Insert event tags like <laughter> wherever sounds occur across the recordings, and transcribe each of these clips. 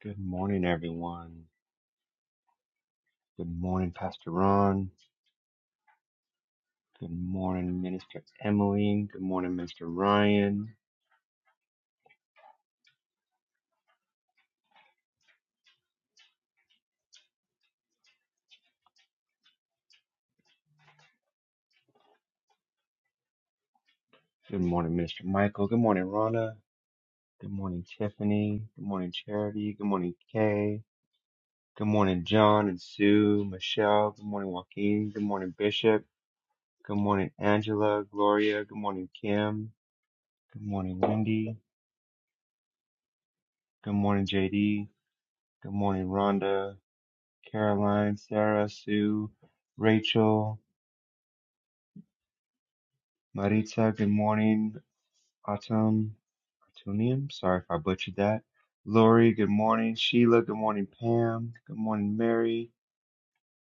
Good morning, everyone. Good morning, Pastor Ron. Good morning, Minister Emmeline. Good morning, Minister Ryan. Good morning, Minister Michael. Good morning, Rhonda. Good morning, Tiffany. Good morning, Charity. Good morning, Kay. Good morning, John and Sue, Michelle. Good morning, Joaquin. Good morning, Bishop. Good morning, Angela, Gloria. Good morning, Kim. Good morning, Wendy. Good morning, JD. Good morning, Rhonda, Caroline, Sarah, Sue, Rachel. Maritza, good morning. Autumn, Autumnium, sorry if I butchered that. Lori, good morning. Sheila, good morning. Pam, good morning. Mary,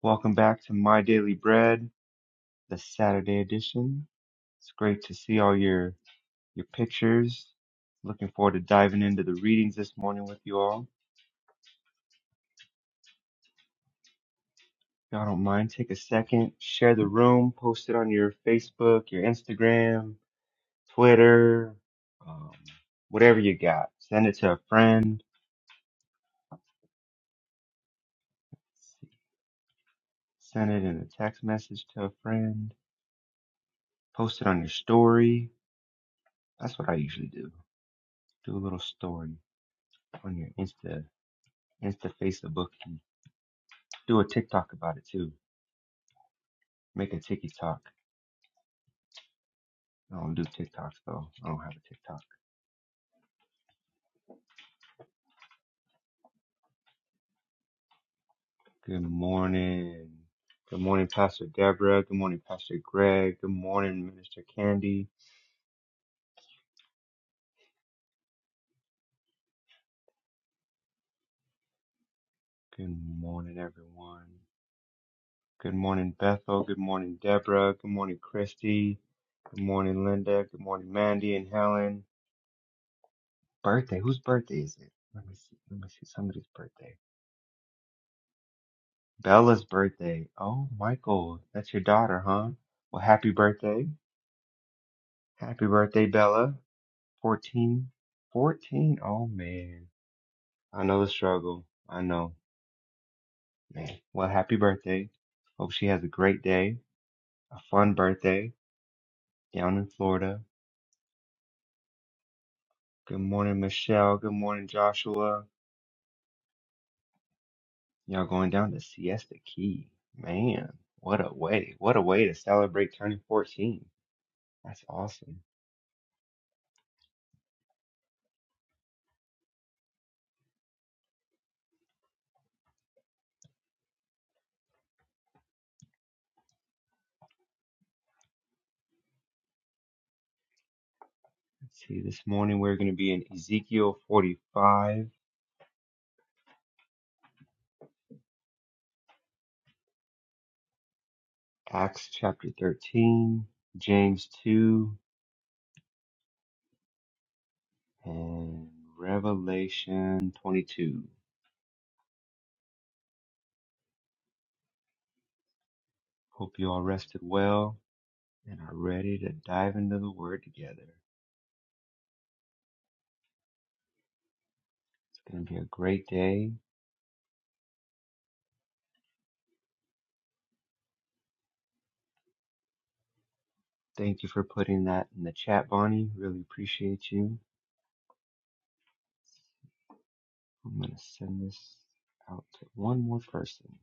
welcome back to My Daily Bread, the Saturday edition. It's great to see all your your pictures. Looking forward to diving into the readings this morning with you all. If y'all don't mind, take a second, share the room, post it on your Facebook, your Instagram, Twitter, um, whatever you got. Send it to a friend Send it in a text message to a friend. Post it on your story. That's what I usually do. Do a little story on your Insta, Insta Facebook. Do a TikTok about it too. Make a TikTok. I don't do TikToks though. I don't have a TikTok. Good morning. Good morning, Pastor Deborah. Good morning, Pastor Greg. Good morning, Minister Candy. Good morning, everyone. Good morning, Bethel. Good morning, Deborah. Good morning, Christy. Good morning, Linda. Good morning, Mandy and Helen. Birthday. Whose birthday is it? Let me see. Let me see somebody's birthday. Bella's birthday. Oh, Michael, that's your daughter, huh? Well, happy birthday. Happy birthday, Bella. 14. 14. Oh, man. I know the struggle. I know. Man. Well, happy birthday. Hope she has a great day, a fun birthday down in Florida. Good morning, Michelle. Good morning, Joshua. Y'all going down to Siesta Key. Man, what a way. What a way to celebrate turning 14. That's awesome. Let's see. This morning we're going to be in Ezekiel 45, Acts chapter 13, James 2, and Revelation 22. Hope you all rested well and are ready to dive into the Word together. It's going to be a great day. Thank you for putting that in the chat, Bonnie. Really appreciate you. I'm going to send this out to one more person.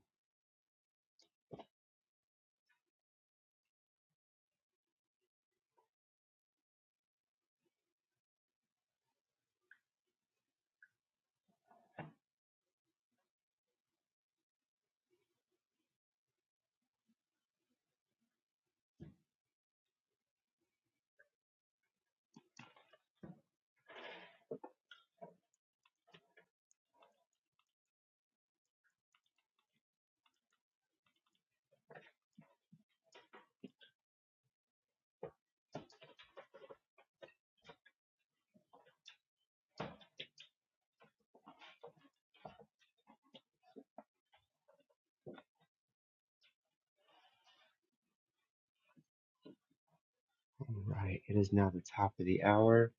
All right. It is now the top of the hour.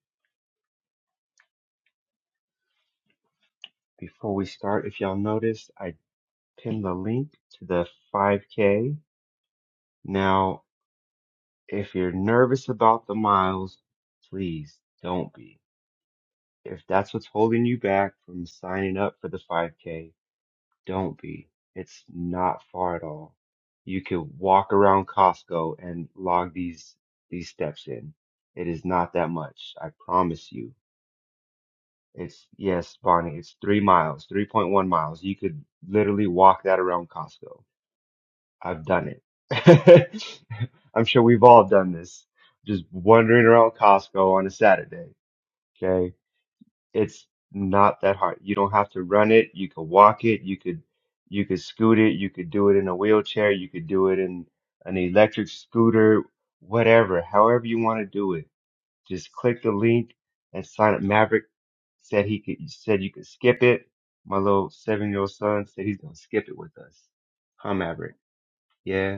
Before we start, if y'all noticed, I pinned the link to the 5K. Now, if you're nervous about the miles, please don't be. If that's what's holding you back from signing up for the 5K, don't be. It's not far at all. You could walk around Costco and log these these steps in. It is not that much. I promise you. It's yes, Bonnie, it's three miles, 3.1 miles. You could literally walk that around Costco I've done it. <laughs> I'm sure we've all done this. Just wandering around Costco on a Saturday. Okay. It's not that hard. You don't have to run it. You could walk it. You could, you could scoot it. You could do it in a wheelchair. You could do it in an electric scooter, whatever, however you want to do it. Just click the link and sign up. Maverick said he could, said you could skip it. My little seven year old son said he's going to skip it with us. Huh, Maverick? Yeah.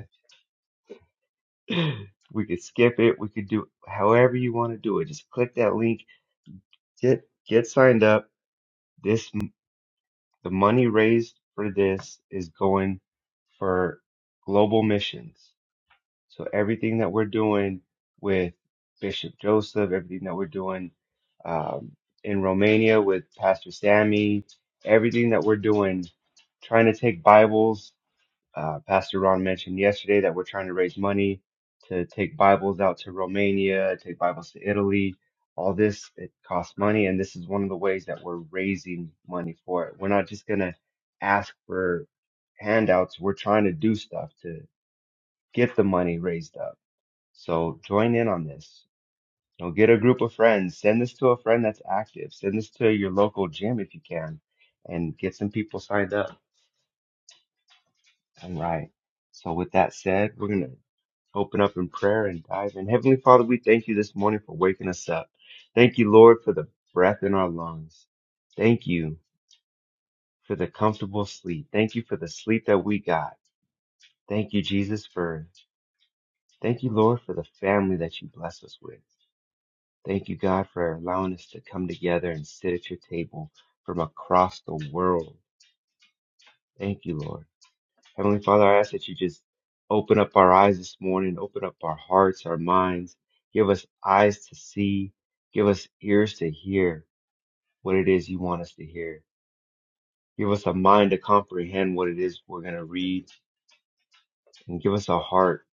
We could skip it. We could do however you want to do it. Just click that link. Get get signed up. This the money raised for this is going for global missions. So everything that we're doing with Bishop Joseph, everything that we're doing um, in Romania with Pastor Sammy, everything that we're doing, trying to take Bibles uh, Pastor Ron mentioned yesterday that we're trying to raise money to take Bibles out to Romania, take Bibles to Italy. All this, it costs money, and this is one of the ways that we're raising money for it. We're not just going to ask for handouts, we're trying to do stuff to get the money raised up. So join in on this. You know, get a group of friends, send this to a friend that's active, send this to your local gym if you can, and get some people signed up. All right. So with that said, we're gonna open up in prayer and dive in. Heavenly Father, we thank you this morning for waking us up. Thank you, Lord, for the breath in our lungs. Thank you for the comfortable sleep. Thank you for the sleep that we got. Thank you, Jesus, for thank you, Lord, for the family that you bless us with. Thank you, God, for allowing us to come together and sit at your table from across the world. Thank you, Lord. Heavenly Father, I ask that you just open up our eyes this morning, open up our hearts, our minds, give us eyes to see, give us ears to hear what it is you want us to hear. Give us a mind to comprehend what it is we're going to read, and give us a heart.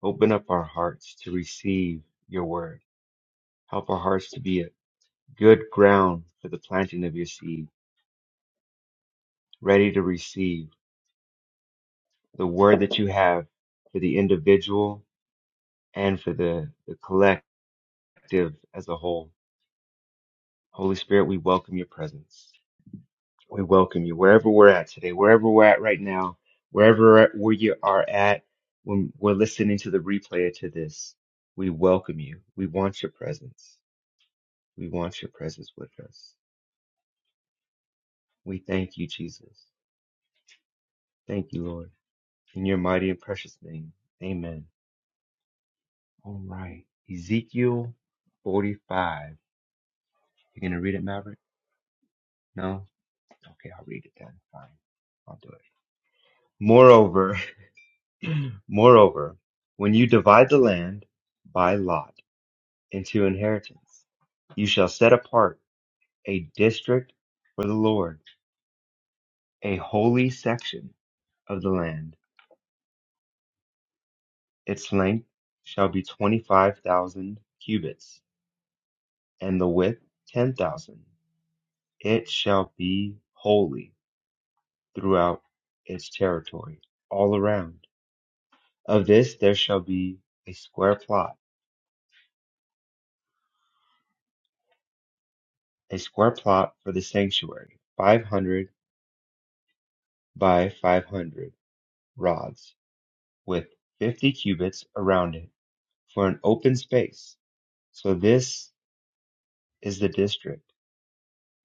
Open up our hearts to receive your word. Help our hearts to be a good ground for the planting of your seed, ready to receive the word that you have for the individual and for the, the collective as a whole. Holy Spirit, we welcome your presence. We welcome you wherever we're at today, wherever we're at right now, wherever where you are at when we're listening to the replay to this. We welcome you. We want your presence. We want your presence with us. We thank you, Jesus. Thank you, Lord. In your mighty and precious name. Amen. All right. Ezekiel 45. You're going to read it, Maverick? No? Okay, I'll read it then. Fine. I'll do it. Moreover, <clears throat> Moreover, when you divide the land by lot into inheritance, you shall set apart a district for the Lord, a holy section of the land. Its length shall be 25,000 cubits, and the width 10,000. It shall be holy throughout its territory, all around. Of this there shall be a square plot, a square plot for the sanctuary, 500 by five hundred rods with fifty cubits around it for an open space. So this is the district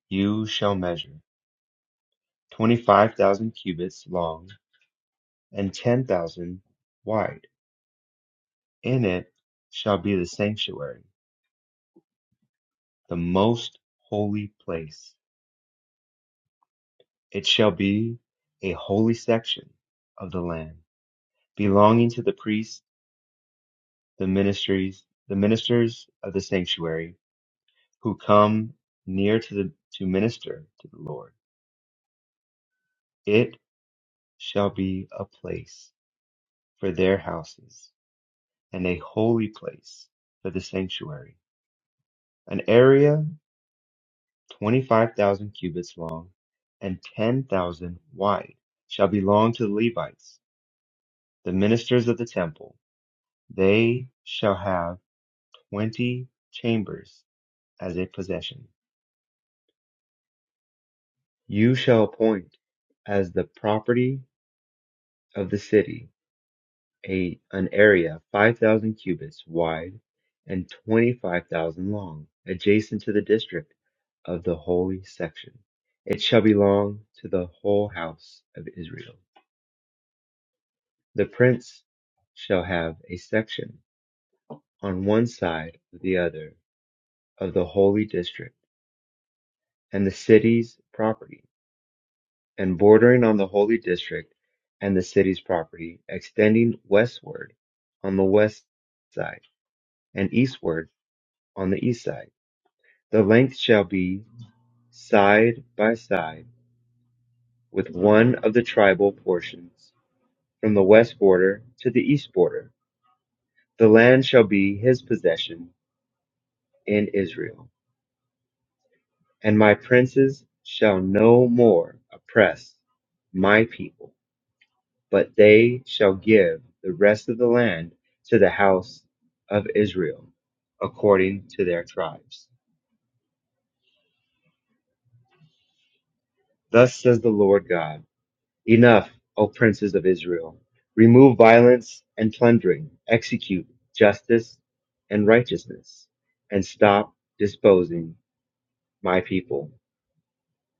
you shall measure, twenty-five thousand cubits long and ten thousand wide. In it shall be the sanctuary, the most holy place. It shall be a holy section of the land, belonging to the priests, the ministries, the ministers of the sanctuary, who come near to the to minister to the Lord. It shall be a place for their houses and a holy place for the sanctuary, an area 25,000 cubits long and 10,000 wide shall belong to the Levites, the ministers of the temple. They shall have 20 chambers as a possession. You shall appoint as the property of the city a an area 5,000 cubits wide and 25,000 long, adjacent to the district of the holy section. It shall belong to the whole house of Israel. The prince shall have a section on one side of the other of the holy district and the city's property, and bordering on the holy district and the city's property, extending westward on the west side and eastward on the east side The length shall be side by side with one of the tribal portions, from the west border to the east border. The land shall be his possession in Israel, and my princes shall no more oppress my people, but they shall give the rest of the land to the house of Israel according to their tribes. Thus says the Lord God. Enough, O princes of Israel! Remove violence and plundering, execute justice and righteousness, and stop disposing my people,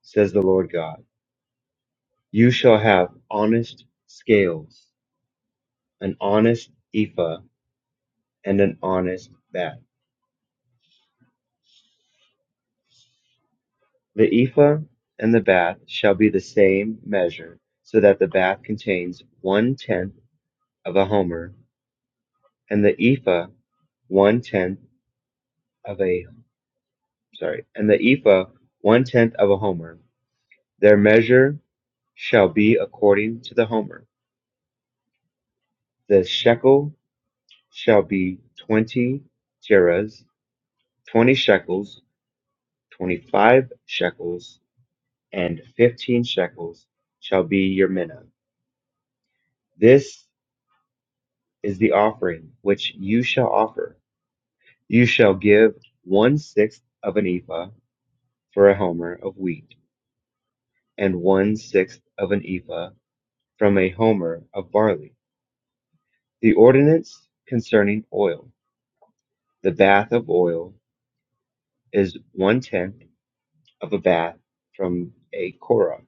says the Lord God. You shall have honest scales, an honest ephah, and an honest bath. The ephah and the bath shall be the same measure, so that the bath contains one tenth of a homer, and the ephah one tenth of a sorry, and the ephah one tenth of a homer. Their measure shall be according to the homer. The shekel shall be twenty gerahs, twenty shekels, twenty-five shekels, and fifteen shekels shall be your minna. This is the offering which you shall offer. You shall give one sixth of an ephah for a homer of wheat, and one sixth of an ephah from a homer of barley The ordinance concerning oil, the bath of oil, is one-tenth of a bath from a korah.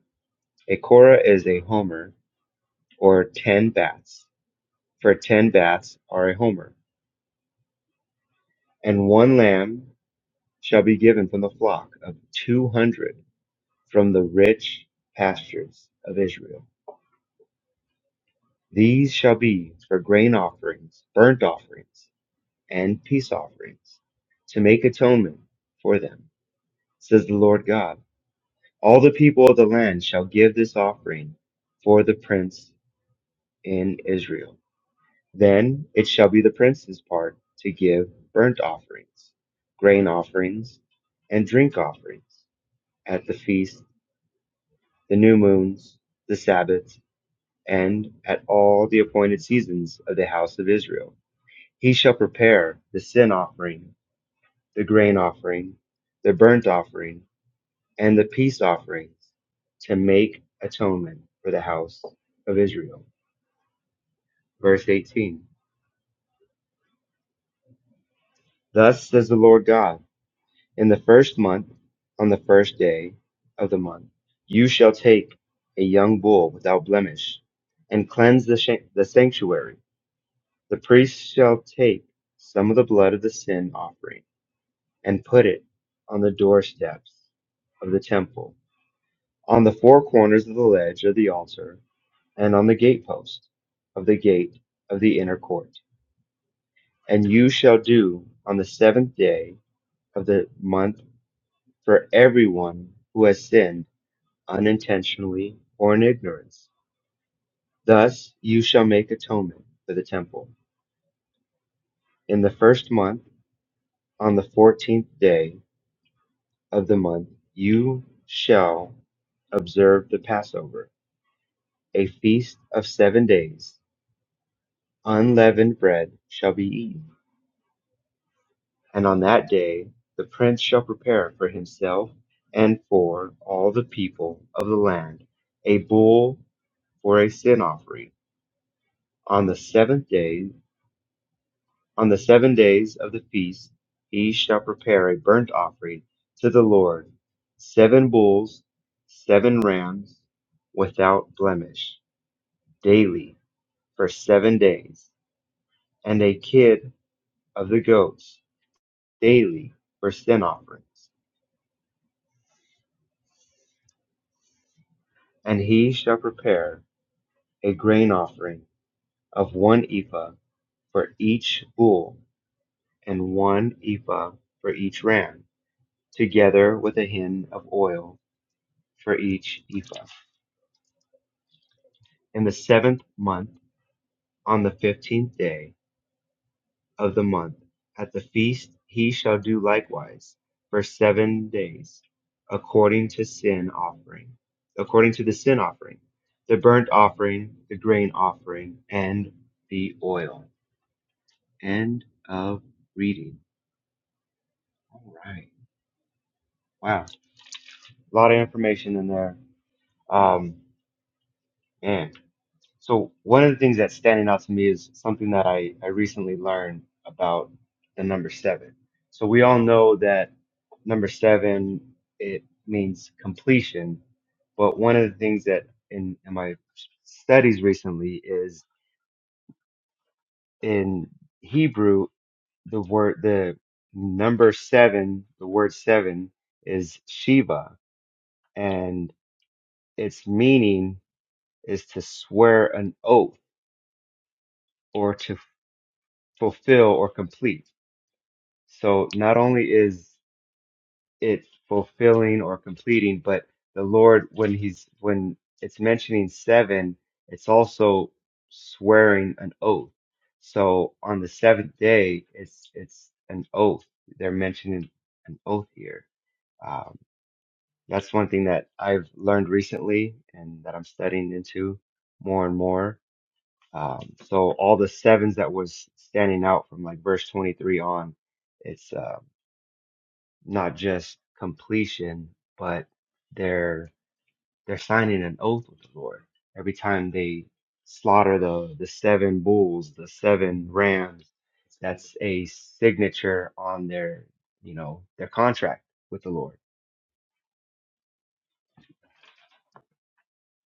A korah is a homer, or ten baths, for ten baths are a homer. And one lamb shall be given from the flock of two hundred from the rich pastures of Israel. These shall be for grain offerings, burnt offerings, and peace offerings, to make atonement for them, says the Lord God. All the people of the land shall give this offering for the prince in Israel. Then it shall be the prince's part to give burnt offerings, grain offerings, and drink offerings at the feast, the new moons, the Sabbaths, and at all the appointed seasons of the house of Israel. He shall prepare the sin offering, the grain offering, the burnt offering, and the peace offerings to make atonement for the house of Israel. Verse 18 Thus says the Lord God, in the first month, on the first day of the month, you shall take a young bull without blemish and cleanse the, shan- the sanctuary. The priest shall take some of the blood of the sin offering and put it on the doorsteps of the temple, on the four corners of the ledge of the altar and on the gatepost of the gate of the inner court. And you shall do on the seventh day of the month for everyone who has sinned unintentionally or in ignorance. Thus you shall make atonement for the temple. In the first month, on the fourteenth day of the month, you shall observe the Passover, a feast of seven days. Unleavened bread shall be eaten. And on that day the prince shall prepare for himself and for all the people of the land a bull for a sin offering. On the seventh day, on the seven days of the feast, he shall prepare a burnt offering to the Lord seven bulls, seven rams without blemish, daily for seven days, and a kid of the goats, daily for sin offerings. And he shall prepare a grain offering of one ephah for each bull and one ephah for each ram, together with a hin of oil for each ephah. In the seventh month, on the fifteenth day of the month, at the feast he shall do likewise for seven days, according to sin offering, according to the sin offering, the burnt offering, the grain offering, and the oil. End of reading. All right. Wow. A lot of information in there. Um, man. So one of the things that's standing out to me is something that I, I recently learned about the number seven. So we all know that number seven, it means completion. But one of the things that in, in my studies recently is in Hebrew, the word, the number seven, the word seven is Shiva and its meaning is to swear an oath or to fulfill or complete. So not only is it fulfilling or completing, but the Lord, when he's, when it's mentioning seven, it's also swearing an oath. So on the seventh day, it's, it's an oath. They're mentioning an oath here. Um, that's one thing that I've learned recently and that I'm studying into more and more Um, so all the sevens that was standing out from like verse 23 on, it's uh, not just completion, but they're they're signing an oath with the Lord every time they slaughter the the seven bulls, the seven rams. That's a signature on their you know their contract with the Lord.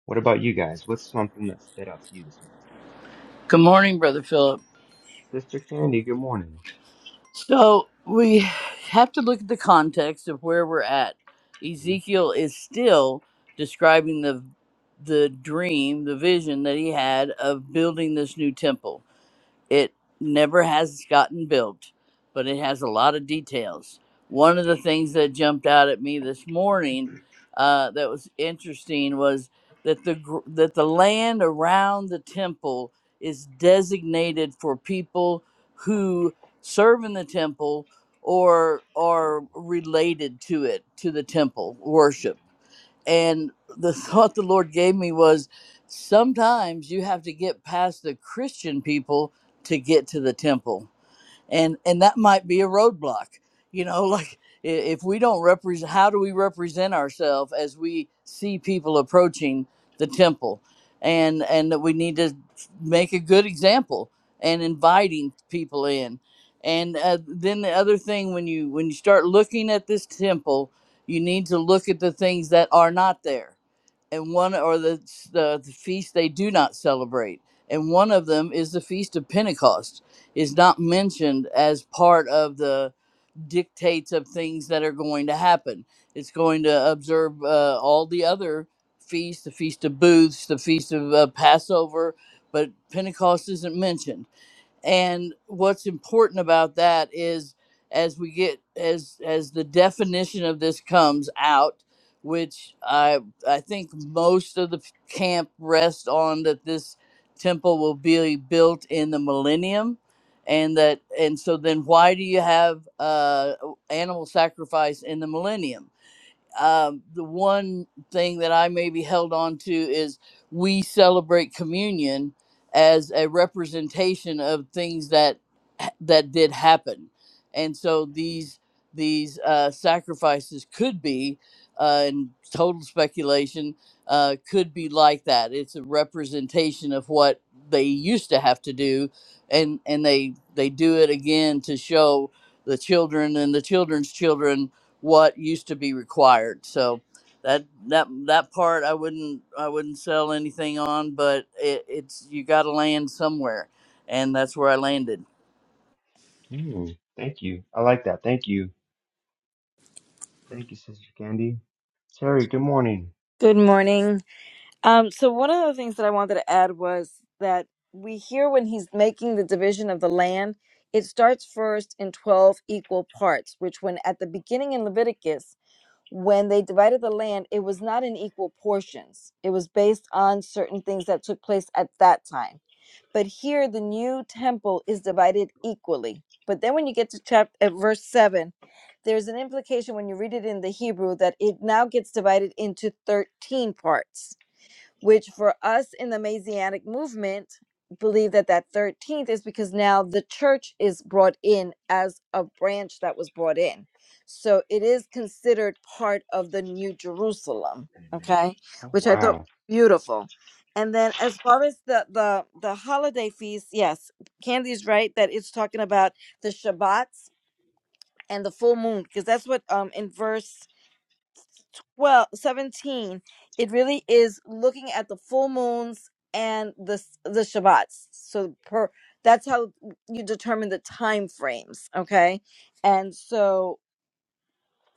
What about you guys? What's something that stood out to you this morning, Good morning, Brother Philip. Sister Candy? Good morning. So we have to look at the context of where we're at. Mhm. Ezekiel is still describing the the dream, the vision that he had of building this new temple. It never has gotten built, but it has a lot of details. One of the things that jumped out at me this morning uh, that was interesting was that the gr- that the land around the temple is designated for people who serve in the temple or are related to it to the temple worship and the <laughs> thought the Lord gave me was sometimes you have to get past the Christian people to get to the temple and and that might be a roadblock you know <laughs> like i- if we don't represent how do we represent ourselves as we see people approaching the temple and and that we need to make a good example and inviting people in and uh, then the other thing when you when you start looking at this temple you need to look at the things that are not there and one or the, the the feast they do not celebrate and one of them is the feast of pentecost is not mentioned as part of the dictates of things that are going to happen. It's going to observe uh, all the other feasts, the Feast of Booths, the Feast of uh, Passover, but Pentecost isn't mentioned and what's important about that is as we get as as the definition of this comes out which i i think most of the p- camp rest on that this temple will be built in the millennium and that and so then why do you have uh animal sacrifice in the millennium um, the one thing that I maybe held on to is we celebrate communion as a representation of things that that did happen, and so these these uh, sacrifices could be, uh, in total speculation, uh, could be like that. It's a representation of what they used to have to do, and and they they do it again to show the children and the children's children what used to be required. So that that that part I wouldn't I wouldn't sell anything on, but it, it's you got to land somewhere, and that's where I landed. Mm, thank you. I like that. Thank you Thank you, Sister Candy. Terry, good morning. Good morning. Um, so one of the things that I wanted to add was that we hear when he's making the division of the land, it starts first in 12 equal parts, which when at the beginning in Leviticus, when they divided the land, it was not in equal portions. It was based on certain things that took place at that time. But here, the new temple is divided equally. But then, when you get to chapter at verse seven, there's an implication when you read it in the Hebrew that it now gets divided into thirteen parts which for us in the Messianic movement believe that that 13th is because now the church is brought in as a branch that was brought in. So it is considered part of the New Jerusalem, Amen. okay? Oh Which I thought wow. beautiful. And then as far as the the the holiday feast, yes, Candy's right that it's talking about the Shabbats and the full moon because that's what um in verse well, 17, it really is looking at the full moons and the s- the Shabbats. So per that's how you determine the time frames, okay? And so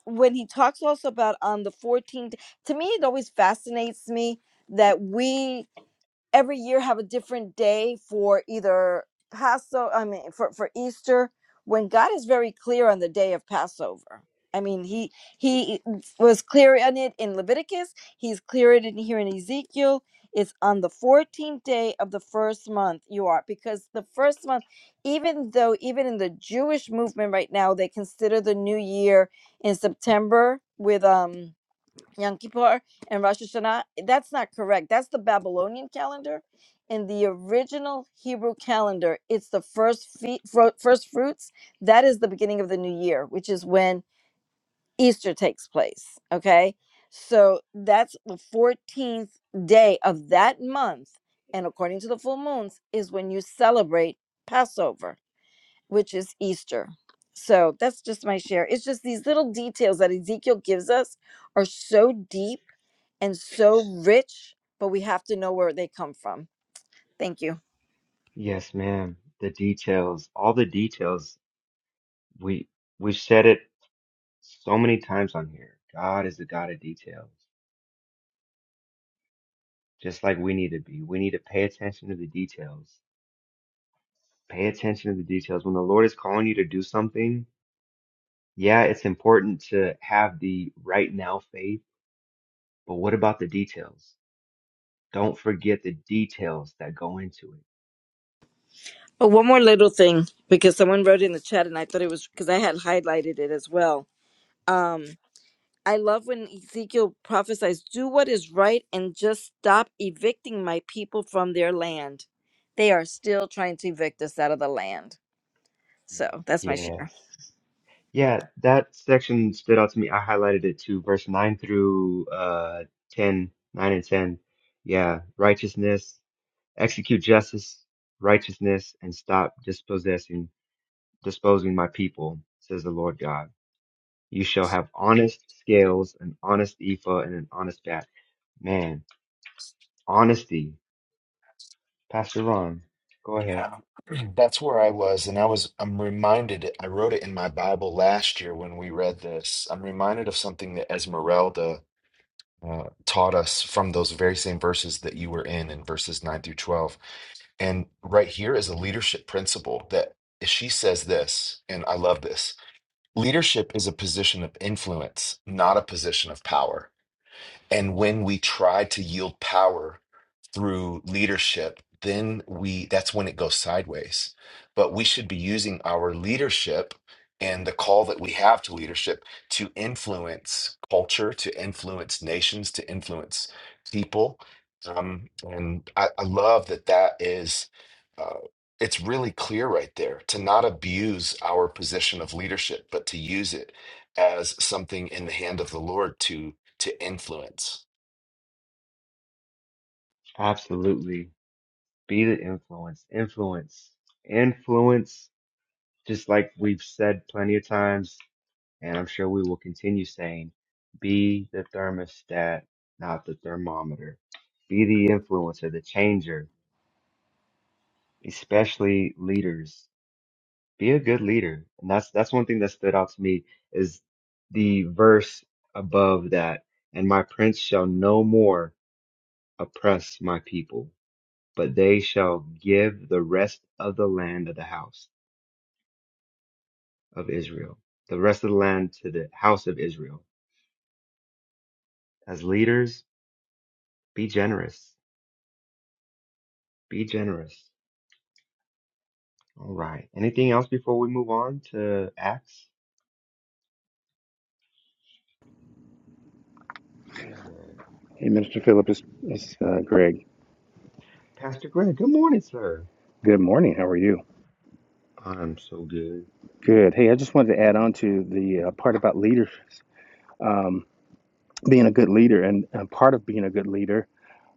when he talks also about on the 14th, to me it always fascinates me that we every year have a different day for either Passover. I mean, for, for Easter, when God is very clear on the day of Passover. I mean, he he was clear on it in Leviticus. He's clear on it in here in Ezekiel. It's on the 14th day of the first month you are, because the first month, even though even in the Jewish movement right now, they consider the new year in September with um Yom Kippur and Rosh Hashanah. That's not correct. That's the Babylonian calendar. In the original Hebrew calendar, it's the first fe- fro- first fruits. That is the beginning of the new year, which is when Easter takes place. Okay, so that's the fourteenth day of that month, and according to the full moons, is when you celebrate Passover, which is Easter. So that's just my share. It's just these little details that Ezekiel gives us are so deep and so rich, but we have to know where they come from. Thank you. Yes, ma'am. The details, all the details. We we've said it so many times on here. God is the God of details. Just like we need to be. We need to pay attention to the details. Pay attention to the details. When the Lord is calling you to do something, yeah, it's important to have the right now faith, but what about the details? Don't forget the details that go into it. Oh, one more little thing because someone wrote in the chat and I thought it was because I had highlighted it as well. Um, I love when Ezekiel prophesies, do what is right and just stop evicting my people from their land. They are still trying to evict us out of the land. So that's my share. Yes. Yeah, that section stood out to me. I highlighted it too, verse 9 through uh 10, nine and 10. Yeah, righteousness, execute justice, righteousness, and stop dispossessing, disposing my people, says the Lord God. You shall have honest scales, an honest ephah, and an honest bat. Man, honesty. Pastor Ron, go ahead. Yeah, <clears throat> that's where I was. And I was, I'm reminded, I wrote it in my Bible last year when we read this. I'm reminded of something that Esmeralda uh, taught us from those very same verses that you were in, in verses 9 through 12. And right here is a leadership principle that she says this, and I love this. Leadership is a position of influence, not a position of power. And when we try to yield power, through leadership, then we that's when it goes sideways. But we should be using our leadership and the call that we have to leadership to influence culture, to influence nations, to influence people. Um, and I, I love that that is uh, it's really clear right there to not abuse our position of leadership, but to use it as something in the hand of the Lord to to influence. Absolutely. Be the influence. Influence. Influence, just like we've said plenty of times And I'm sure we will continue saying, be the thermostat, not the thermometer. Be the influencer, the changer, especially leaders. Be a good leader. And that's, that's one thing that stood out to me is the verse above that. And my prince shall no more oppress my people, but they shall give the rest of the land of the house of Israel, the rest of the land to the house of Israel. As leaders, be generous Be generous. All right. Anything else before we move on to Acts? Who's there? Hey, Minister Philip, it's, it's uh, Greg. Pastor Greg, good morning, sir. Good morning. How are you? I'm so good. Good. Hey, I just wanted to add on to the uh, part about leaders, um, being a good leader, and, and part of being a good leader.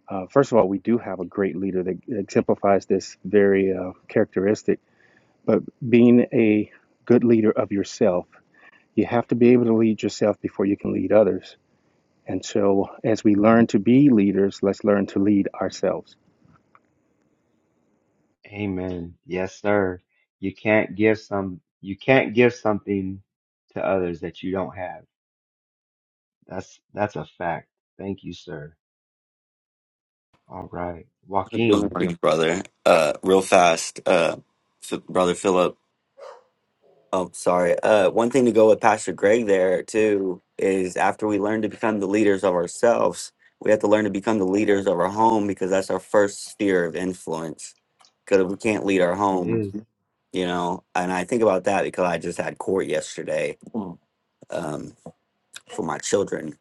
Uh, first of all, we do have a great leader that exemplifies this very uh, characteristic. But being a good leader of yourself, you have to be able to lead yourself before you can lead others. And so, as we learn to be leaders, let's learn to lead ourselves. Amen. Yes, sir. You can't give some you can't give something to others that you don't have. That's that's a fact. Thank you, sir. All right. Good Joaquin. morning, brother. Uh, real fast, uh, F- brother Philip. Oh, sorry. Uh, one thing to go with Pastor Greg there too is after we learn to become the leaders of ourselves, we have to learn to become the leaders of our home because that's our first sphere of influence. Because we can't lead our Yes, it home, is. you know. And I think about that because I just had court yesterday um, for my children,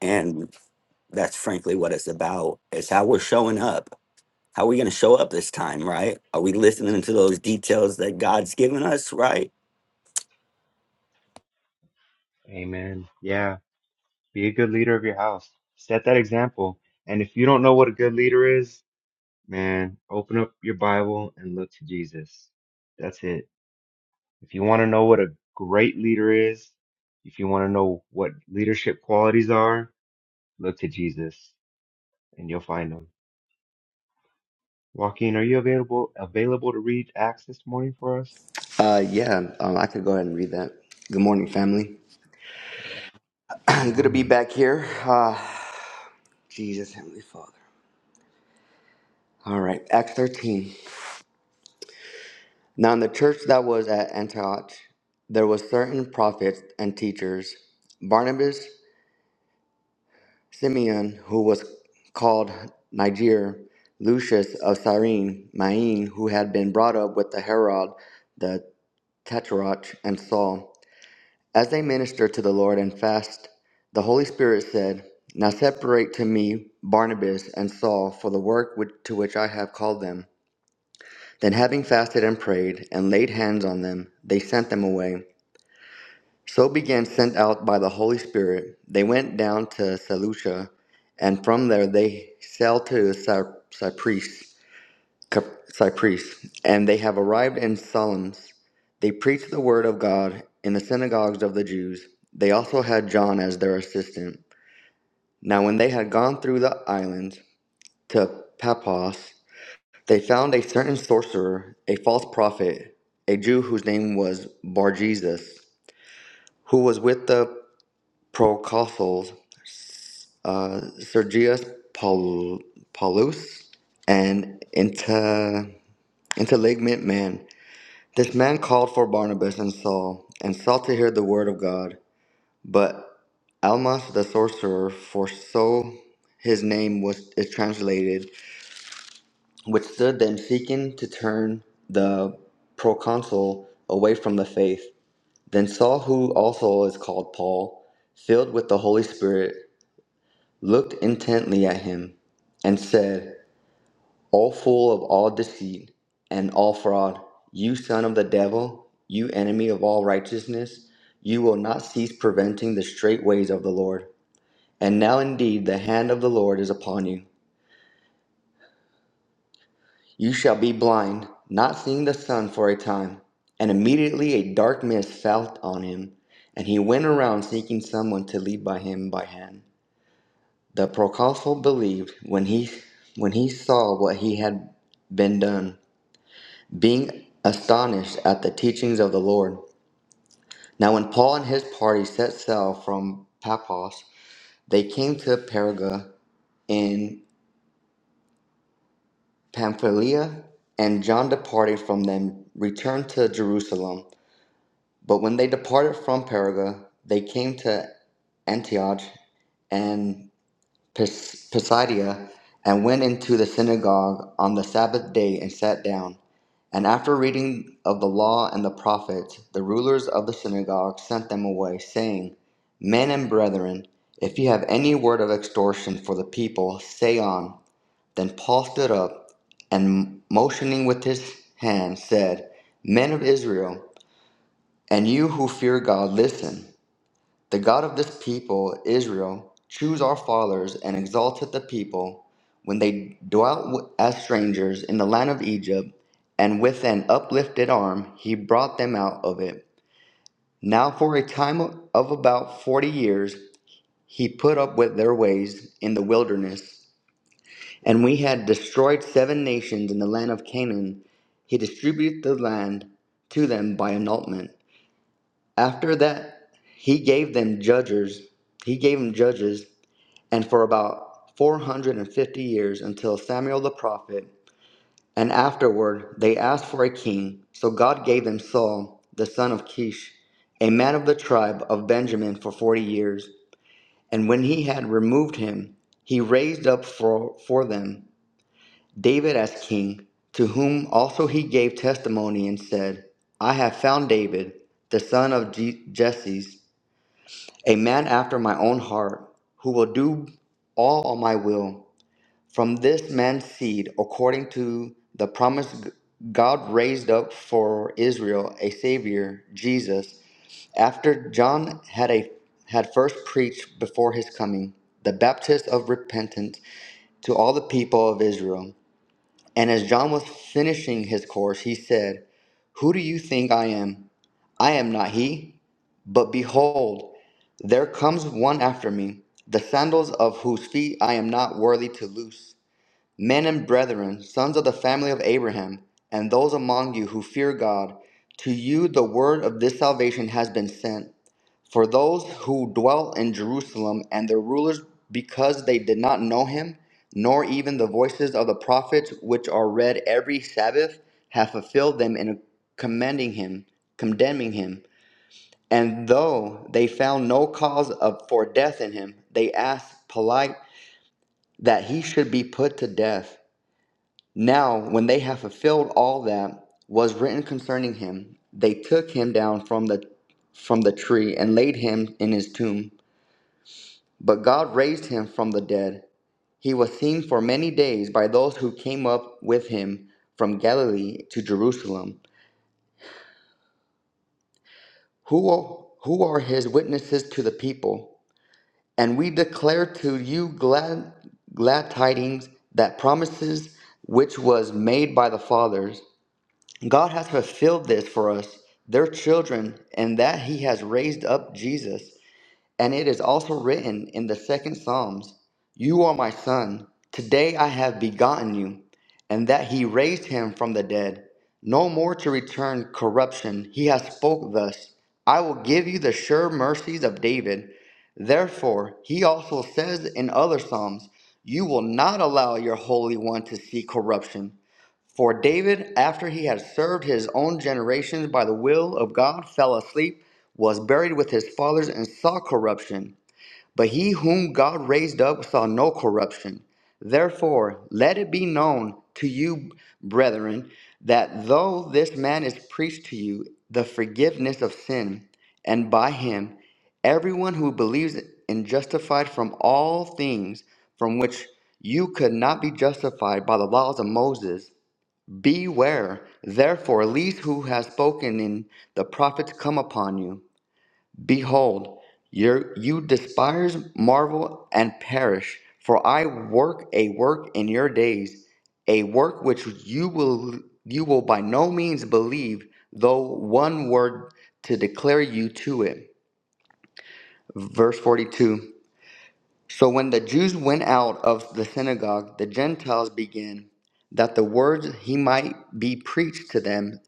and that's frankly what it's about. It's how we're showing up How are we going to show up this time, right? Are we listening to those details that God's given us, right? Amen. Yeah. Be a good leader of your house. Set that example. And if you don't know what a good leader is, Man, open up your Bible and look to Jesus. That's it. If you want to know what a great leader is, if you want to know what leadership qualities are, look to Jesus and you'll find them. Joaquin, are you available available to read Acts this morning for us? Uh, yeah, um, I could go ahead and read that. Good morning, family. <clears throat> Good Good to be morning. back here. Uh, Jesus, Heavenly Father. All right, Acts 13. Now, in the church that was at Antioch, there was certain prophets and teachers Barnabas, Simeon, who was called Niger, Lucius of Cyrene, Maine, who had been brought up with the Herod, the Tetrarch, and Saul. As they ministered to the Lord and fasted, the Holy Spirit said, Now separate to me Barnabas and Saul for the work which, to which I have called them. Then, having fasted and prayed and laid hands on them, they sent them away. So began sent out by the Holy Spirit. They went down to Seleucia, and from there they sailed to Cy- Cyprus. Cap- Cyprus, and they have arrived in Salamis. They preached the word of God in the synagogues of the Jews. They also had John as their assistant. Now, when they had gone through the island to Paphos, they found a certain sorcerer, a false prophet, a Jew whose name was Bar Jesus, who was with the proconsuls uh, Sergius Paul- Paulus, an inter- intelligent man This man called for Barnabas and Saul, and sought to hear the word of God. But Almas the sorcerer, for so his name was is translated, withstood them, seeking to turn the proconsul away from the faith. Then Saul, who also is called Paul, filled with the Holy Spirit, looked intently at him, and said, O full of all deceit and all fraud, you son of the devil, you enemy of all righteousness, you will not cease preventing the straight ways of the Lord. And now indeed the hand of the Lord is upon you. You shall be blind, not seeing the sun for a time. And immediately a dark mist fell on him, and he went around seeking someone to lead by him by hand. The proconsul believed when he when he saw what he had been done being astonished at the teachings of the Lord. Now, when Paul and his party set sail from Paphos, they came to Perga in Pamphylia, and John departed from them, returned to Jerusalem. But when they departed from Perga, they came to Antioch, and Pis- Pisidia, and went into the synagogue on the Sabbath day and sat down. And after reading of the law and the prophets, the rulers of the synagogue sent them away, saying, Men and brethren, if you have any word of extortion for the people, say on. Then Paul stood up and, motioning with his hand, said, Men of Israel, and you who fear God, listen. The God of this people, Israel, chose our fathers and exalted the people when they dwelt w- as strangers in the land of Egypt, and with an uplifted arm he brought them out of it. Now, for a time of about forty years, he put up with their ways in the wilderness. And we had destroyed seven nations in the land of Canaan. He distributed the land to them by annulment. After that, he gave them judges. He gave them judges and for about 450 years until Samuel the prophet. And afterward, they asked for a king. So God gave them Saul, the son of Kish, a man of the tribe of Benjamin, for 40 years. And when he had removed him, he raised up for, for them David as king, to whom also he gave testimony and said, I have found David, the son of Jesse, a man after my own heart, who will do all my will from this man's seed, according to the promise, God raised up for Israel a Savior, Jesus, after John had, a, had first preached before his coming, the baptist of repentance to all the people of Israel. And as John was finishing his course, he said, Who do you think I am? I am not he. But behold, there comes one after me, the sandals of whose feet I am not worthy to loose. Men and brethren, sons of the family of Abraham, and those among you who fear God, to you the word of this salvation has been sent. For those who dwell in Jerusalem and their rulers, because they did not know him, nor even the voices of the prophets which are read every Sabbath, have fulfilled them in commending him, condemning him. And though they found no cause of, for death in him, they asked polite that he should be put to death. Now, when they had fulfilled all that was written concerning him, they took him down from the from the tree and laid him in his tomb. But God raised him from the dead. He was seen for many days by those who came up with him from Galilee to Jerusalem. Who who are his witnesses to the people? And we declare to you glad glad tidings that promises which was made by the fathers God has fulfilled this for us, their children, and that He has raised up Jesus. And it is also written in the second Psalms You are my son, today I have begotten you, and that He raised him from the dead. No more to return corruption, He has spoke thus I will give you the sure mercies of David. Therefore, He also says in other Psalms, You will not allow your Holy One to see corruption. For David, after he had served his own generations by the will of God, fell asleep, was buried with his fathers, and saw corruption. But he whom God raised up saw no corruption. Therefore, let it be known to you, brethren, that though this man is preached to you the forgiveness of sin, and by him everyone who believes is justified from all things from which you could not be justified by the laws of Moses. Beware, therefore, lest who has spoken in the prophets come upon you. Behold, your, you despise, marvel, and perish. For I work a work in your days, a work which you will you will by no means believe, though one word to declare you to it. Verse 42. So when the Jews went out of the synagogue, the Gentiles began that the words he might be preached to them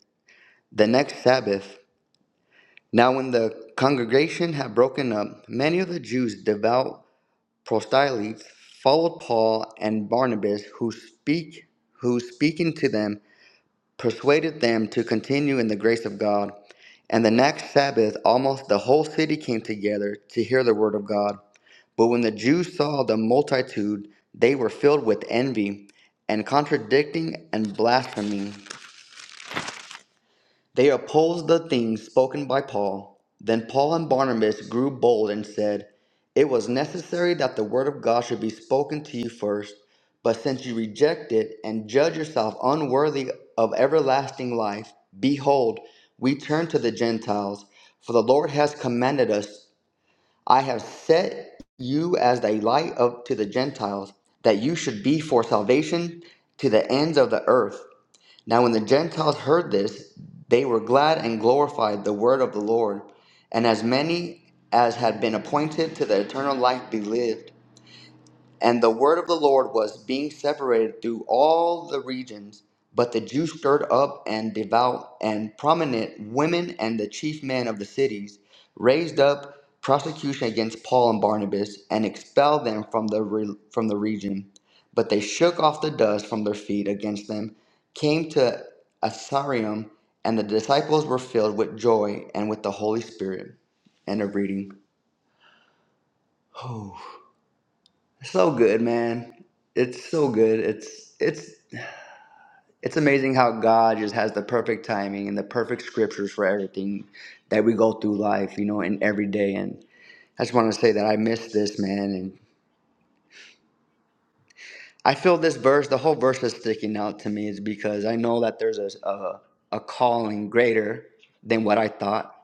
The next Sabbath, now when the congregation had broken up, many of the Jews, devout proselytes, followed Paul and Barnabas, who speak, who speaking to them, persuaded them to continue in the grace of God. And the next Sabbath, almost the whole city came together to hear the word of God. But when the Jews saw the multitude, they were filled with envy and contradicting and blaspheming They opposed the things spoken by Paul. Then Paul and Barnabas grew bold and said, It was necessary that the word of God should be spoken to you first, but since you reject it and judge yourself unworthy of everlasting life, behold, we turn to the Gentiles, for the Lord has commanded us, I have set you as a light of, to the Gentiles, that you should be for salvation to the ends of the earth. Now, when the Gentiles heard this, they were glad and glorified the word of the Lord, and as many as had been appointed to the eternal life believed. And the word of the Lord was being separated through all the regions. But the Jews stirred up and devout and prominent women and the chief men of the cities raised up prosecution against Paul and Barnabas and expelled them from the, re- from the region. But they shook off the dust from their feet against them, came to Asarium, and the disciples were filled with joy and with the Holy Spirit. End of reading. <sighs> So good, man. It's so good. It's it's it's amazing how God just has the perfect timing and the perfect scriptures for everything that we go through life, you know, in every day. And I just want to say that I miss this, man. And I feel this verse, the whole verse is sticking out to me, is because I know that there's a a, a calling greater than what I thought.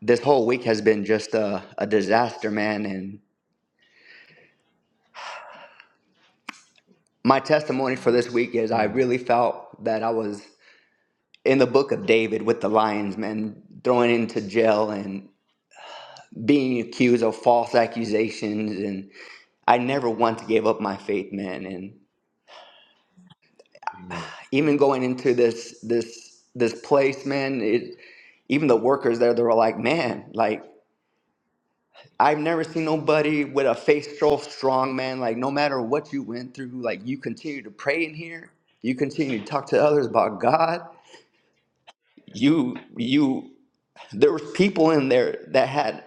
This whole week has been just a, a disaster, man. And my testimony for this week is I Hmm. really felt that I was. in the book of David with the lions, man, thrown into jail and being accused of false accusations. And I never once gave up my faith, man. And Amen. even going into this this this place, man, it, even the workers there, they were like, man, like I've never seen nobody with a faith so strong, man. Like no matter what you went through, like you continue to pray in here, you continue to talk to others about God. You you there was people in there that had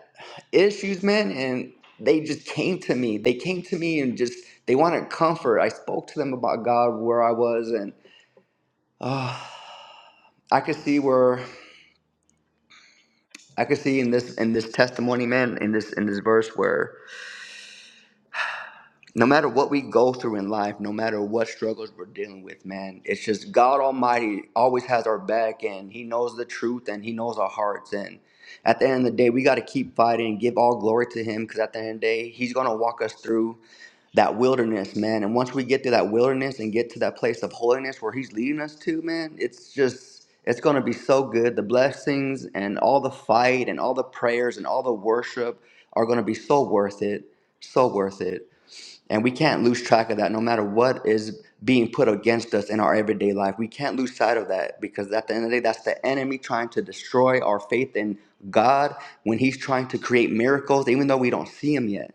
issues man and they just came to me they came to me and just they wanted comfort i spoke to them about god where i was and uh, i could see where i could see in this in this testimony man in this in this verse where no matter what we go through in life, no matter what struggles we're dealing with, man, it's just God Almighty always has our back and He knows the truth and He knows our hearts. And at the end of the day, we got to keep fighting and give all glory to Him because at the end of the day, He's going to walk us through that wilderness, man. And once we get through that wilderness and get to that place of holiness where He's leading us to, man, it's just. It's going to be so good. The blessings and all the fight and all the prayers and all the worship are going to be so worth it. So worth it. And we can't lose track of that no matter what is being put against us in our everyday life. We can't lose sight of that because at the end of the day, that's the enemy trying to destroy our faith in God when he's trying to create miracles, even though we don't see him yet.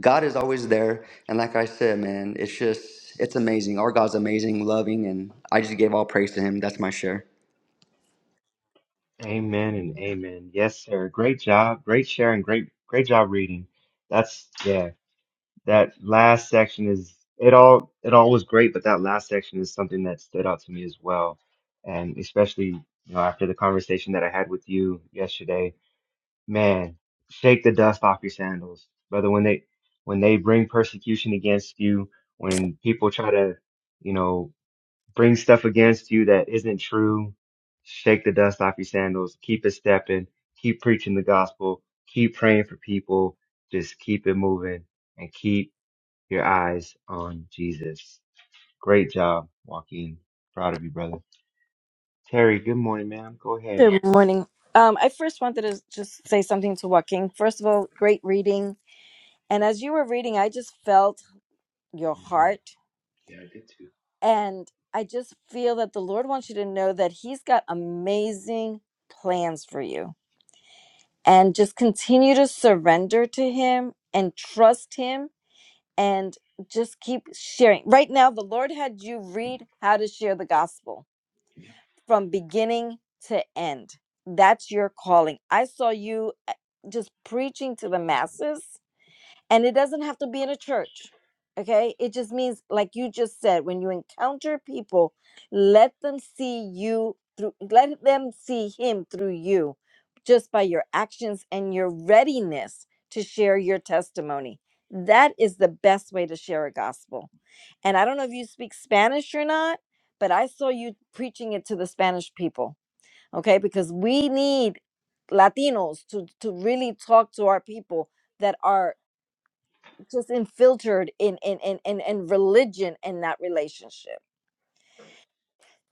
God is always there. And like I said, man, it's just, it's amazing. Our God's amazing, loving, and I just gave all praise to him. That's my share. Amen and amen. Yes, sir. Great job. Great sharing. Great, great job reading. That's yeah. that last section is it all it all was great, but that last section is something that stood out to me as well. And especially, you know, after the conversation that I had with you yesterday, man, shake the dust off your sandals. Brother, when they when they bring persecution against you, when people try to, you know, bring stuff against you that isn't true, shake the dust off your sandals, keep it stepping, keep preaching the gospel, keep praying for people, just keep it moving and keep your eyes on Jesus. Great job, Joaquin. Proud of you, brother. Terry, good morning, ma'am. Go ahead. Good morning. Um, I first wanted to just say something to Joaquin. First of all, great reading. And as you were reading, I just felt your Mhm. heart. Yeah, I did too. And I just feel that the Lord wants you to know that He's got amazing plans for you. And just continue to surrender to Him and trust Him and just keep sharing. Right now, the Lord had you read how to share the gospel from beginning to end. That's your calling. I saw you uh, just preaching to the masses and it doesn't have to be in a church okay it just means like you just said when you encounter people let them see you through let them see him through you just by your actions and your readiness to share your testimony that is the best way to share a gospel and i don't know if you speak spanish or not but i saw you preaching it to the spanish people okay because we need latinos to to really talk to our people that are just infiltrated in in in in, in religion and not relationship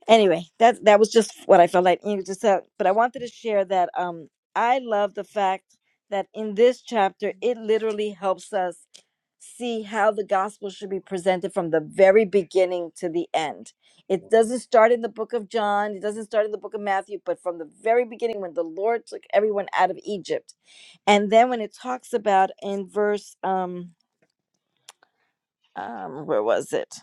anyway that that was just what i felt like you know, just uh, but i wanted to share that um i love the fact that in this chapter it literally helps us see how the gospel should be presented from the very beginning to the end it doesn't start in the book of john it doesn't start in the book of matthew but from the very beginning when the lord took everyone out of egypt and then when it talks about in verse um um where was it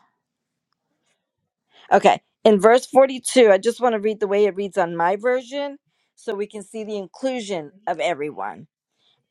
Okay. In verse 42, I just want to read the way it reads on my version so we can see the inclusion of everyone.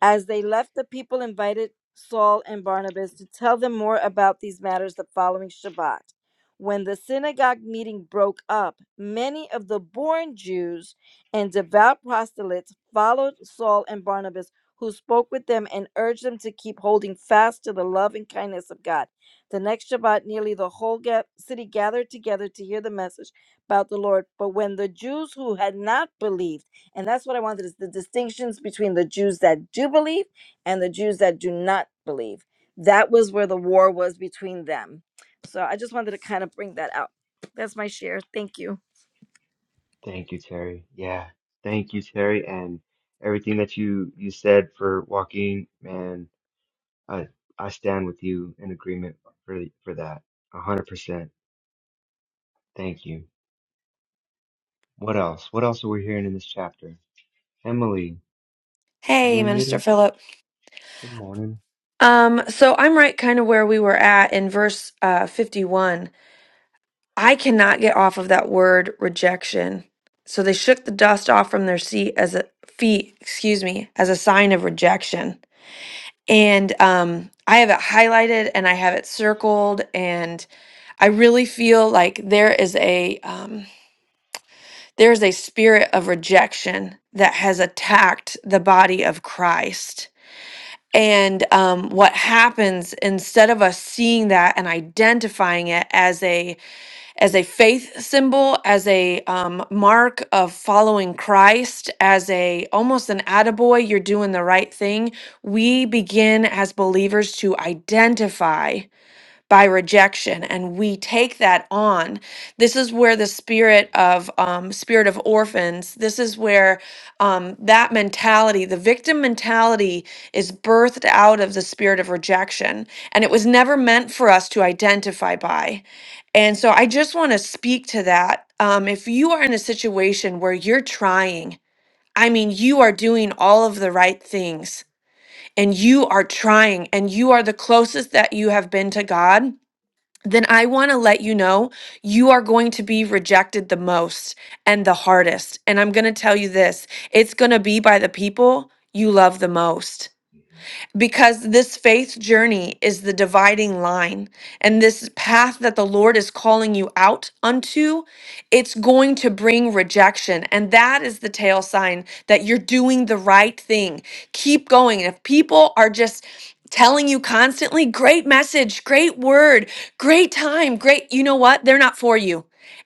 As they left, the people invited Saul and Barnabas to tell them more about these matters the following Shabbat. When the synagogue meeting broke up, many of the born Jews and devout proselytes followed Saul and Barnabas, who spoke with them and urged them to keep holding fast to the love and kindness of God. The next Shabbat, nearly the whole ga- city gathered together to hear the message about the Lord. But when the Jews who had not believed, and that's what I wanted is the distinctions between the Jews that do believe and the Jews that do not believe. That was where the war was between them. So I just wanted to kind of bring that out. That's my share. Thank you. Thank you, Terry. Yeah, thank you, Terry, and everything that you you said for Joaquin, man. I I stand with you in agreement for for that. A hundred percent. Thank you. What else? What else are we hearing in this chapter? Emily, you Hey, Minister unmuted? Philip. Good morning. Um, so I'm right kind of where we were at in verse uh, 51. I cannot get off of that word rejection. So they shook the dust off from their seat as a feet, excuse me, as a sign of rejection. And um, I have it highlighted and I have it circled, and I really feel like there is a um, there is a spirit of rejection that has attacked the body of Christ And um, what happens instead of us seeing that and identifying it as a as a faith symbol, as a um, mark of following Christ, as a almost an attaboy, you're doing the right thing. We begin as believers to identify by rejection and we take that on this is where the spirit of um, spirit of orphans this is where um, that mentality the victim mentality is birthed out of the spirit of rejection and it was never meant for us to identify by and so i just want to speak to that um, if you are in a situation where you're trying I mean, you are doing all of the right things and you are trying and you are the closest that you have been to God then I want to let you know you are going to be rejected the most and the hardest. And I'm going to tell you this it's going to be by the people you love the most because this faith journey is the dividing line and this path that the Lord is calling you out unto it's going to bring rejection and that is the tail sign that you're doing the right thing keep going if people are just telling you constantly great message great word great time great you know what they're not for you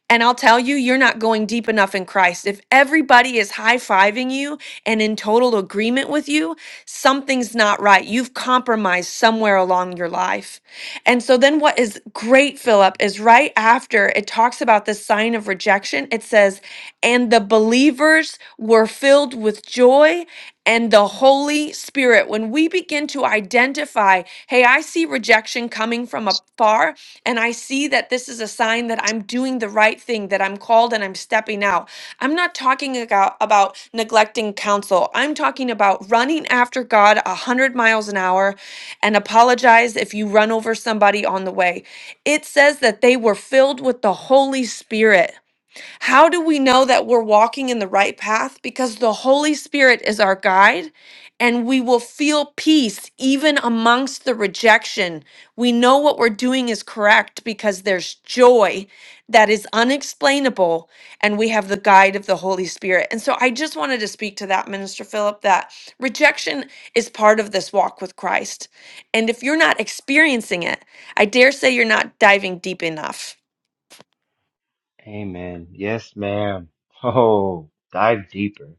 and I'll tell you, you're not going deep enough in Christ. If everybody is high fiving you and in total agreement with you, Something's not right. You've compromised somewhere along your life. And so then what is great, Philip, is right after it talks about the sign of rejection, it says, and the believers were filled with joy and the Holy Spirit. When we begin to identify, hey, I see rejection coming from afar, and I see that this is a sign that I'm doing the right thing, that I'm called and I'm stepping out. I'm not talking about, about neglecting counsel. I'm talking about running after God 100 miles an hour and apologize if you run over somebody on the way. It says that they were filled with the Holy Spirit. How do we know that we're walking in the right path? Because the Holy Spirit is our guide, and we will feel peace even amongst the rejection. We know what we're doing is correct because there's joy that is unexplainable, and we have the guide of the Holy Spirit. And so I just wanted to speak to that, Minister Philip, that rejection is part of this walk with Christ. And if you're not experiencing it, I dare say you're not diving deep enough Amen. Yes, ma'am. Oh, dive deeper.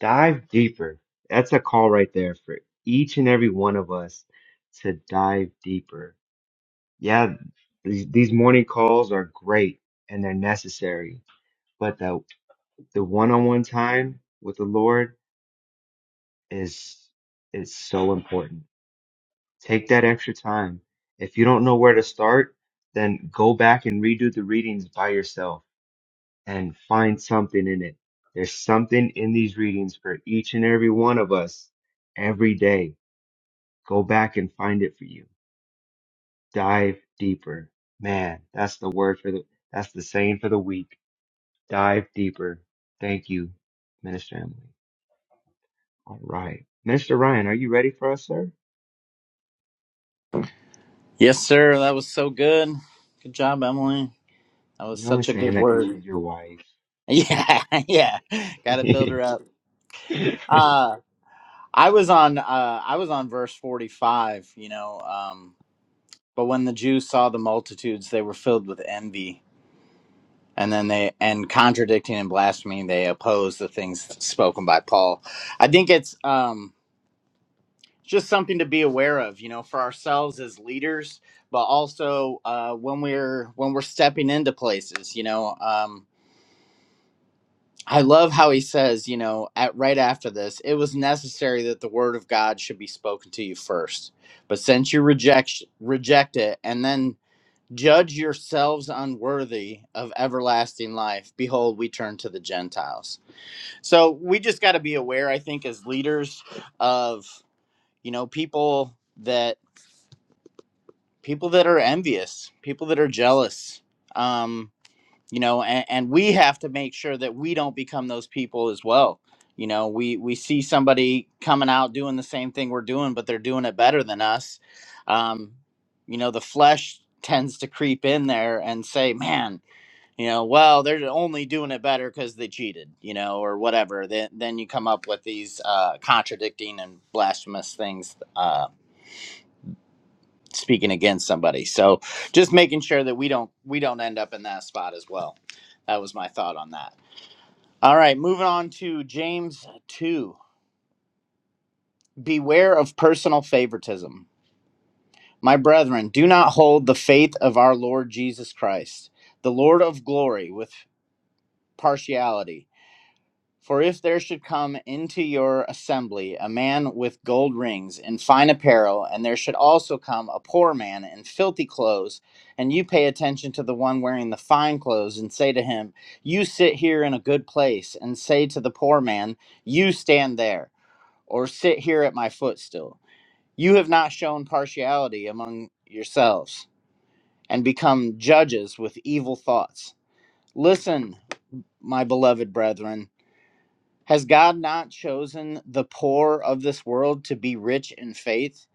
Dive deeper. That's a call right there for each and every one of us to dive deeper. Yeah, these, these morning calls are great and they're necessary, but the the one-on-one time with the Lord is is so important. Take that extra time. If you don't know where to start, then go back and redo the readings by yourself and find something in it. There's something in these readings for each and every one of us every day. Go back and find it for you. Dive deeper. Man, that's the word for the, that's the saying for the week. Dive deeper. Thank you, Minister Emily. All right. Minister Ryan, are you ready for us, sir? Yes, sir. That was so good. Good job, Emily. That was You're only such a saying good that because word. she's <laughs> your wife. Yeah, yeah. Got to build her up. <laughs> Uh, I was on. Uh, I was on verse forty-five. You know, um, but when the Jews saw the multitudes, they were filled with envy, and then they and contradicting and blaspheming, they opposed the things spoken by Paul. I think it's. Um, just something to be aware of you know for ourselves as leaders but also uh, when we're when we're stepping into places you know um, i love how he says you know at right after this it was necessary that the word of god should be spoken to you first but since you reject reject it and then judge yourselves unworthy of everlasting life behold we turn to the gentiles so we just got to be aware i think as leaders of you know people that people that are envious, people that are jealous. Um, you know, and, and we have to make sure that we don't become those people as well. You know, we we see somebody coming out doing the same thing we're doing, but they're doing it better than us. Um, you know, the flesh tends to creep in there and say, "Man, you know, well, they're only doing it better because they cheated," you know, or whatever. Then then you come up with these uh, contradicting and blasphemous things. Uh, speaking against somebody. So just making sure that we don't we don't end up in that spot as well. That was my thought on that. All right, moving on to James 2. Beware of personal favoritism. My brethren, do not hold the faith of our Lord Jesus Christ, the Lord of glory with partiality. For if there should come into your assembly a man with gold rings and fine apparel, and there should also come a poor man in filthy clothes, and you pay attention to the one wearing the fine clothes, and say to him, You sit here in a good place, and say to the poor man, You stand there, or sit here at my footstool. You have not shown partiality among yourselves, and become judges with evil thoughts. Listen, my beloved brethren. Has God not chosen the poor of this world to be rich in faith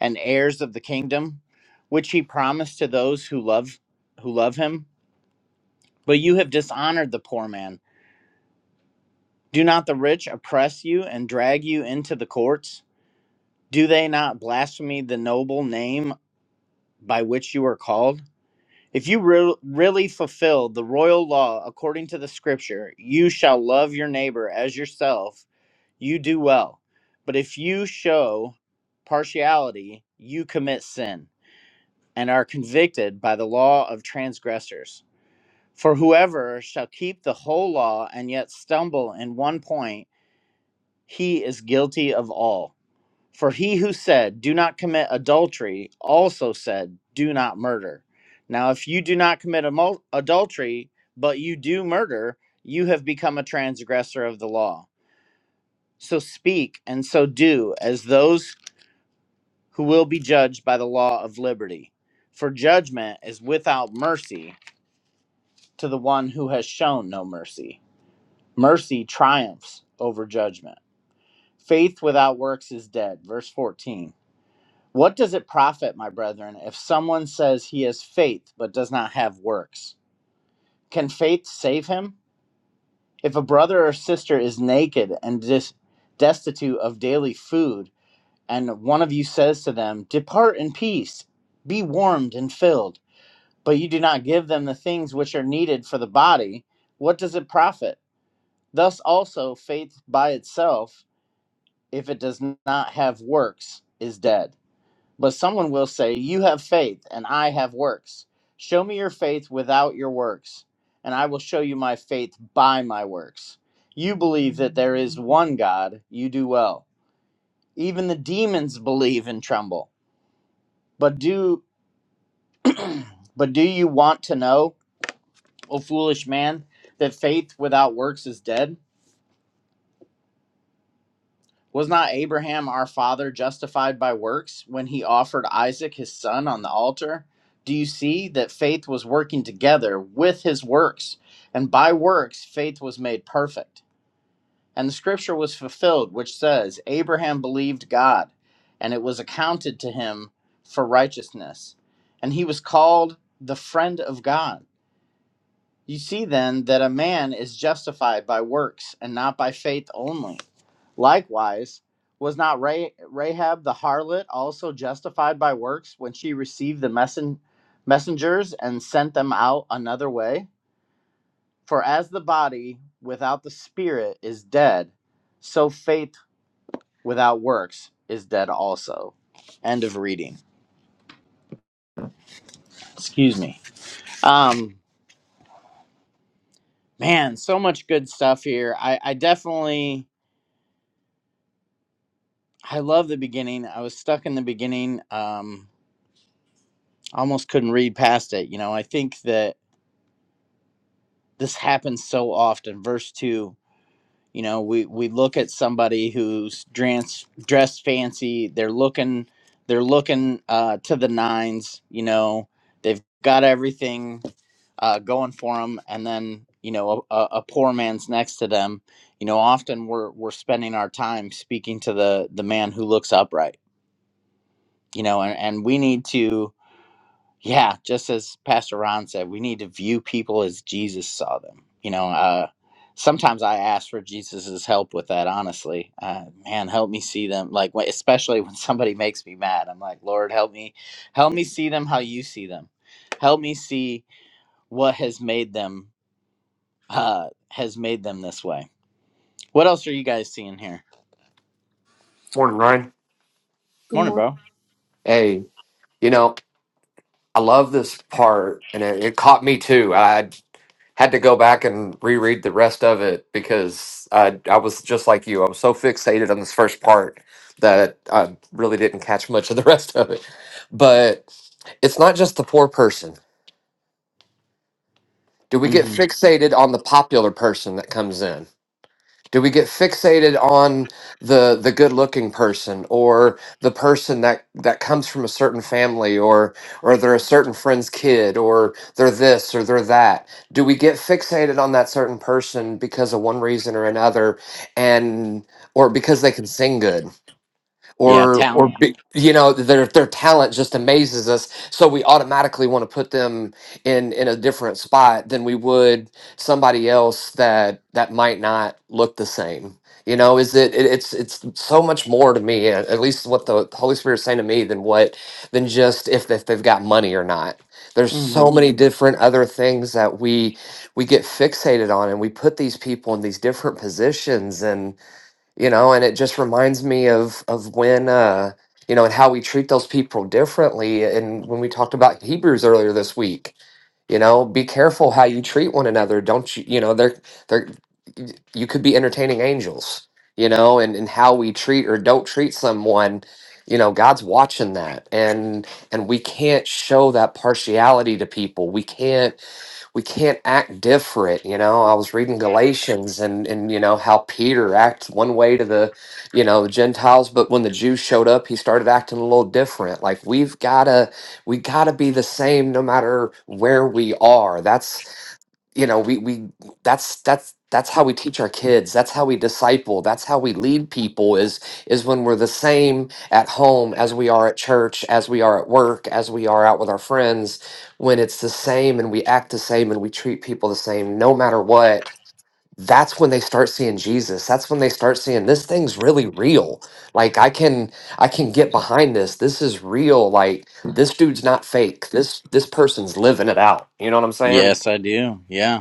and heirs of the kingdom, which he promised to those who love who love him? But you have dishonored the poor man. Do not the rich oppress you and drag you into the courts? Do they not blaspheme the noble name by which you are called? If you re- really fulfill the royal law according to the scripture, you shall love your neighbor as yourself you do well. But if you show partiality, you commit sin and are convicted by the law of transgressors. For whoever shall keep the whole law and yet stumble in one point, he is guilty of all. For he who said, Do not commit adultery, also said, Do not murder. Now, if you do not commit amo- adultery, but you do murder, you have become a transgressor of the law. So speak and so do as those who will be judged by the law of liberty. For judgment is without mercy to the one who has shown no mercy. Mercy triumphs over judgment. Faith without works is dead. Verse 14. What does it profit, my brethren, if someone says he has faith but does not have works? Can faith save him? If a brother or sister is naked and dis- destitute of daily food, and one of you says to them, Depart in peace, be warmed and filled, but you do not give them the things which are needed for the body, what does it profit? Thus also, faith by itself, if it does not have works, is dead. But someone will say, You have faith, and I have works. Show me your faith without your works, and I will show you my faith by my works. You believe that there is one God, you do well. Even the demons believe and tremble. But do but do you want to know? O foolish man, that faith without works is dead? Was not Abraham our father justified by works when he offered Isaac his son on the altar? Do you see that faith was working together with his works, and by works faith was made perfect? And the scripture was fulfilled, which says, Abraham believed God, and it was accounted to him for righteousness. And he was called the friend of God. You see then that a man is justified by works and not by faith only. Likewise, was not Rahab the harlot also justified by works when she received the messen- messengers and sent them out another way? For as the body without the spirit is dead, so faith without works is dead also. End of reading. Excuse me. Um, man, so much good stuff here. I, I definitely I love the beginning. I was stuck in the beginning. Um, I almost couldn't read past it. You know, I think that this happens so often. Verse two. You know, we we look at somebody who's dressed dressed fancy. They're looking they're looking uh, to the nines. You know, they've got everything uh, going for them, and then you know a, a a poor man's next to them. You know, often we're we're spending our time speaking to the the man who looks upright. You know, and, and we need to Yeah, just as Pastor Ron said, we need to view people as Jesus saw them. You know, uh, sometimes I ask for Jesus's help with that. Honestly, uh, man, help me see them. Like, when- especially when somebody <laughs> makes me mad, I'm like, Lord, help me, help me see them how you see them. Help me see what has made them uh, has made them this way. What else are you guys seeing here? Morning, Ryan. Good Morning, morning. bro. Hey, you know, I love this part, and it, it caught me too. I had to go back and reread the rest of it because I I was just like you. I was so fixated on this first part that I really didn't catch much of the <laughs> rest of it. But it's not just the poor person. Do we get hmm fixated on the popular person that comes in? Do we get fixated on the the good looking person or the person that that comes from a certain family or or they're a certain friend's kid or they're this or they're that? Do we get fixated on that certain person because of one reason or another and or because they can sing good? Yeah, or or talent. be, you know their their talent just amazes us so we automatically want to put them in in a different spot than we would somebody else that that might not look the same you know is it, it it's it's so much more to me at at least what the holy spirit is saying to me than what than just if, they- if they've got money or not there's hmm so many different other things that we we get fixated on and we put these people in these different positions you know and it just reminds me of of when uh you know and how we treat those people differently eh, and when we talked about hebrews earlier this week you know be careful how you treat one another don't you you know they're they're y- you could be entertaining angels you know and and how we treat or don't treat someone you know god's watching that and and we can't show that partiality to people we can't we can't act different you know i was reading galatians and and you know how peter acts one way to the you know the gentiles but when the jews showed up he started acting a little different like we've gotta we gotta be the same no matter where we are that's you know we we that's that's that's how we teach our kids that's how we disciple that's how we lead people is is when we're the same at home as we are at church as we are at work as we are out with our friends when it's the same and we act the same and we treat people the same no matter what that's when they start seeing Jesus that's when they start seeing this thing's really real like I can I can get behind this this is real like this dude's not fake this this person's living it out you know what I'm saying Yes, I do. Yeah.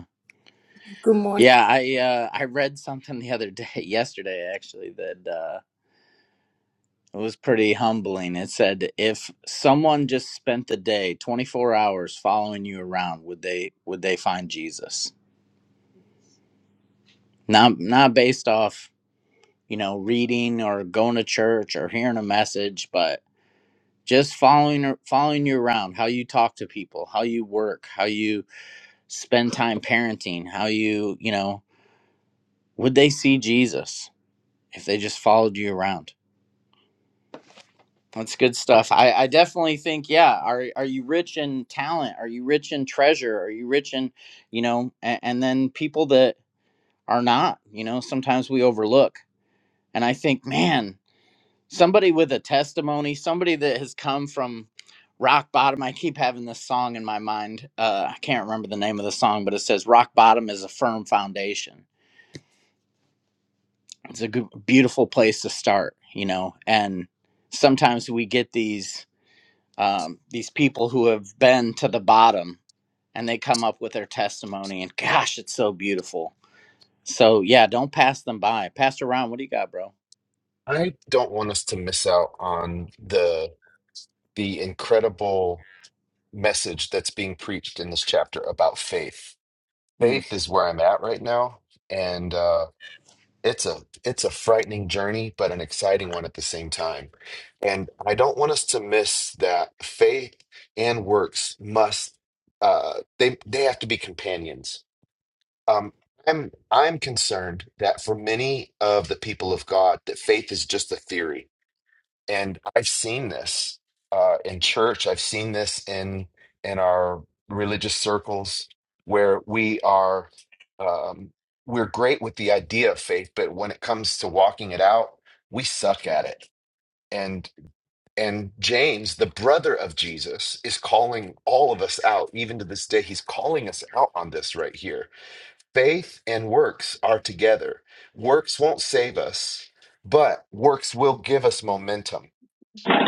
Good morning. Yeah, I uh, I read something the other day, <laughs> yesterday actually, that uh, it was pretty humbling. It said if someone just spent the day 24 hours following you around, would they would they find Jesus? Not not based off you know reading or going to church or hearing a message, but just following following you around, how you talk to people, how you work, how you spend time parenting, how you you know would they see Jesus if they just followed you around? That's good stuff. I, I definitely think, yeah. Are are you rich in talent? Are you rich in treasure? Are you rich in, you know, and, and then people that are not, you know, sometimes we overlook. And I think, man, somebody with a testimony, somebody that has come from rock bottom. I keep having this song in my mind. Uh, I can't remember the name of the song, but it says rock bottom is a firm foundation. It's a good, beautiful place to start, you know. And sometimes we get these um, these people who have been to the bottom and they come up with their testimony and gosh it's so beautiful so yeah don't pass them by pastor ron what do you got bro I don't want us to miss out on the the incredible message that's being preached in this chapter about faith. Hmm. Faith is where I'm at right now, and uh, it's a it's a frightening journey, but an exciting one at the same time. And I don't want us to miss that faith and works must uh, they they have to be companions. Um, I'm I'm concerned that for many of the people of God, that faith is just a theory and I've seen this uh, in church. I've seen this in in our religious circles where we are um, we're great with the idea of faith, but when it comes to walking it out, we suck at it. And and James, the brother of Jesus, is calling all of us out. Even to this day, he's calling us out on this right here. Faith and works are together. Works won't save us, but works will give us momentum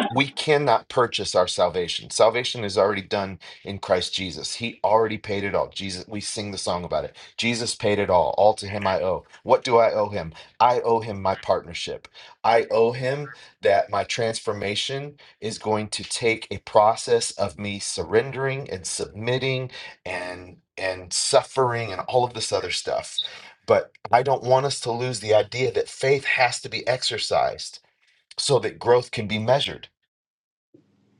we cannot purchase our salvation. Salvation is already done in Christ Jesus. He already paid it all. Jesus, we sing the song about it. Jesus paid it all. All to him I owe. What do I owe him? I owe him my partnership. I owe him that my transformation is going to take a process of me surrendering and submitting and and suffering and all of this other stuff. But I don't want us to lose the idea that faith has to be exercised so that growth can be measured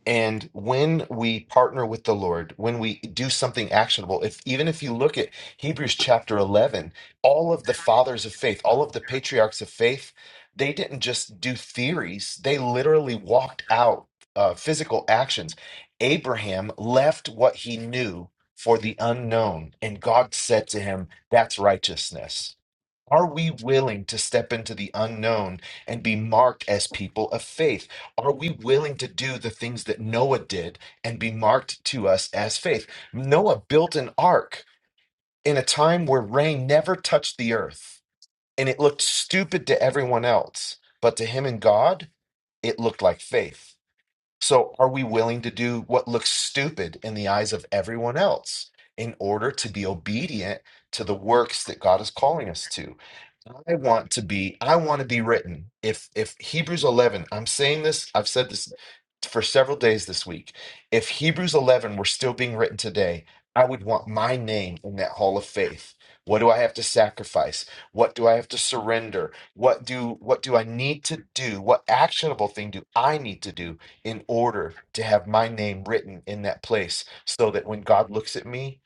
and when we partner with the Lord, when we do something actionable, if even if you look at Hebrews chapter 11, all of the fathers of faith, all of the patriarchs of faith, they didn't just do theories, they literally walked out uh, physical actions. Abraham left what he knew for the unknown, and God said to him, That's righteousness. Are we willing to step into the unknown and be marked as people of faith? Are we willing to do the things that Noah did and be marked to us as faith? Noah built an ark in a time where rain never touched the earth and it looked stupid to everyone else, but to him and God, it looked like faith. So, are we willing to do what looks stupid in the eyes of everyone else in order to be obedient to the works that God is calling us to? I want to be I want to be written. If if Hebrews 11, I'm saying this, I've said this for several days this week. If Hebrews 11 were still being written today, I would want my name in that hall of faith. What do I have to sacrifice? What do I have to surrender? What do what do I need to do? What actionable thing do I need to do in order to have my name written in that place so that when God looks at me,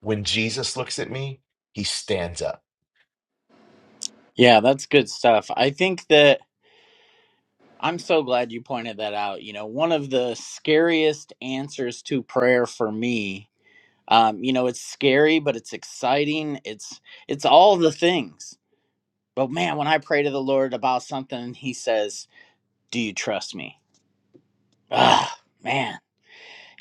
when Jesus looks at me, he stands up. yeah that's good stuff i think that i'm so glad you pointed that out you know one of the scariest answers to prayer for me um, you know it's scary but it's exciting it's it's all the things but man when i pray to the lord about something he says do you trust me ah man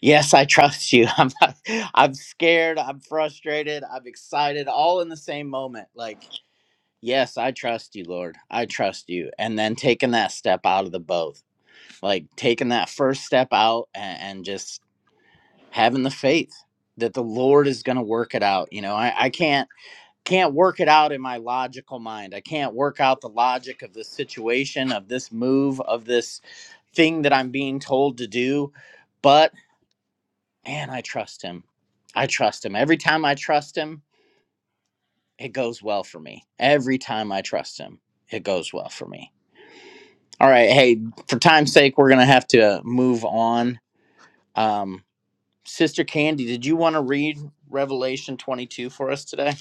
Yes, I trust you. <laughs> I'm not, I'm scared, I'm frustrated, I'm excited, all in the same moment. Like, yes, I trust you, Lord. I trust you. And then taking that step out of the boat, Like taking that first step out and, and just having the faith that the Lord is gonna work it out. You know, I, I can't can't work it out in my logical mind. I can't work out the logic of this situation, of this move, of this thing that I'm being told to do. but man, I trust him. I trust him. Every time I trust him, it goes well for me. Every time I trust him, it goes well for me. All right. Hey, for time's sake, we're going to have to move on. Um, Sister Candy, did you want to read Revelation 22 for us today?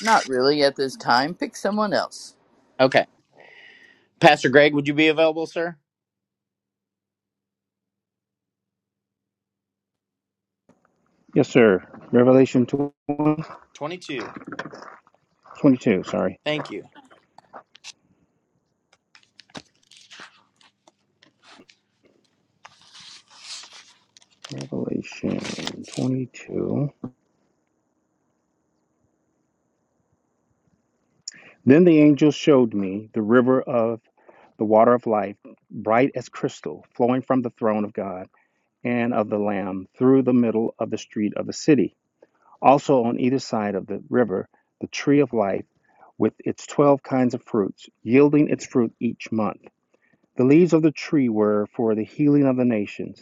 Not really at this time. Pick someone else. Okay. Pastor Greg, would you be available, sir? Yes, sir. Revelation 20, 22. 22. Sorry. Thank you. Revelation 22. Then the angel showed me the river of the water of life, bright as crystal, flowing from the throne of God and of the Lamb through the middle of the street of the city. Also on either side of the river, the tree of life with its 12 kinds of fruits, yielding its fruit each month. The leaves of the tree were for the healing of the nations.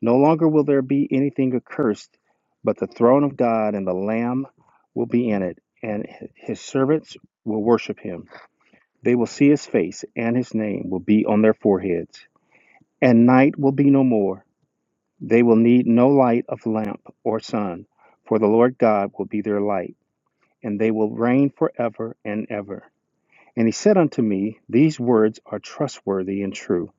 No longer will there be anything accursed, but the throne of God and the Lamb will be in it, and his servants will worship him. They will see his face, and his name will be on their foreheads. And night will be no more. They will need no light of lamp or sun, for the Lord God will be their light, and they will reign forever and ever. And he said unto me, These words are trustworthy and true.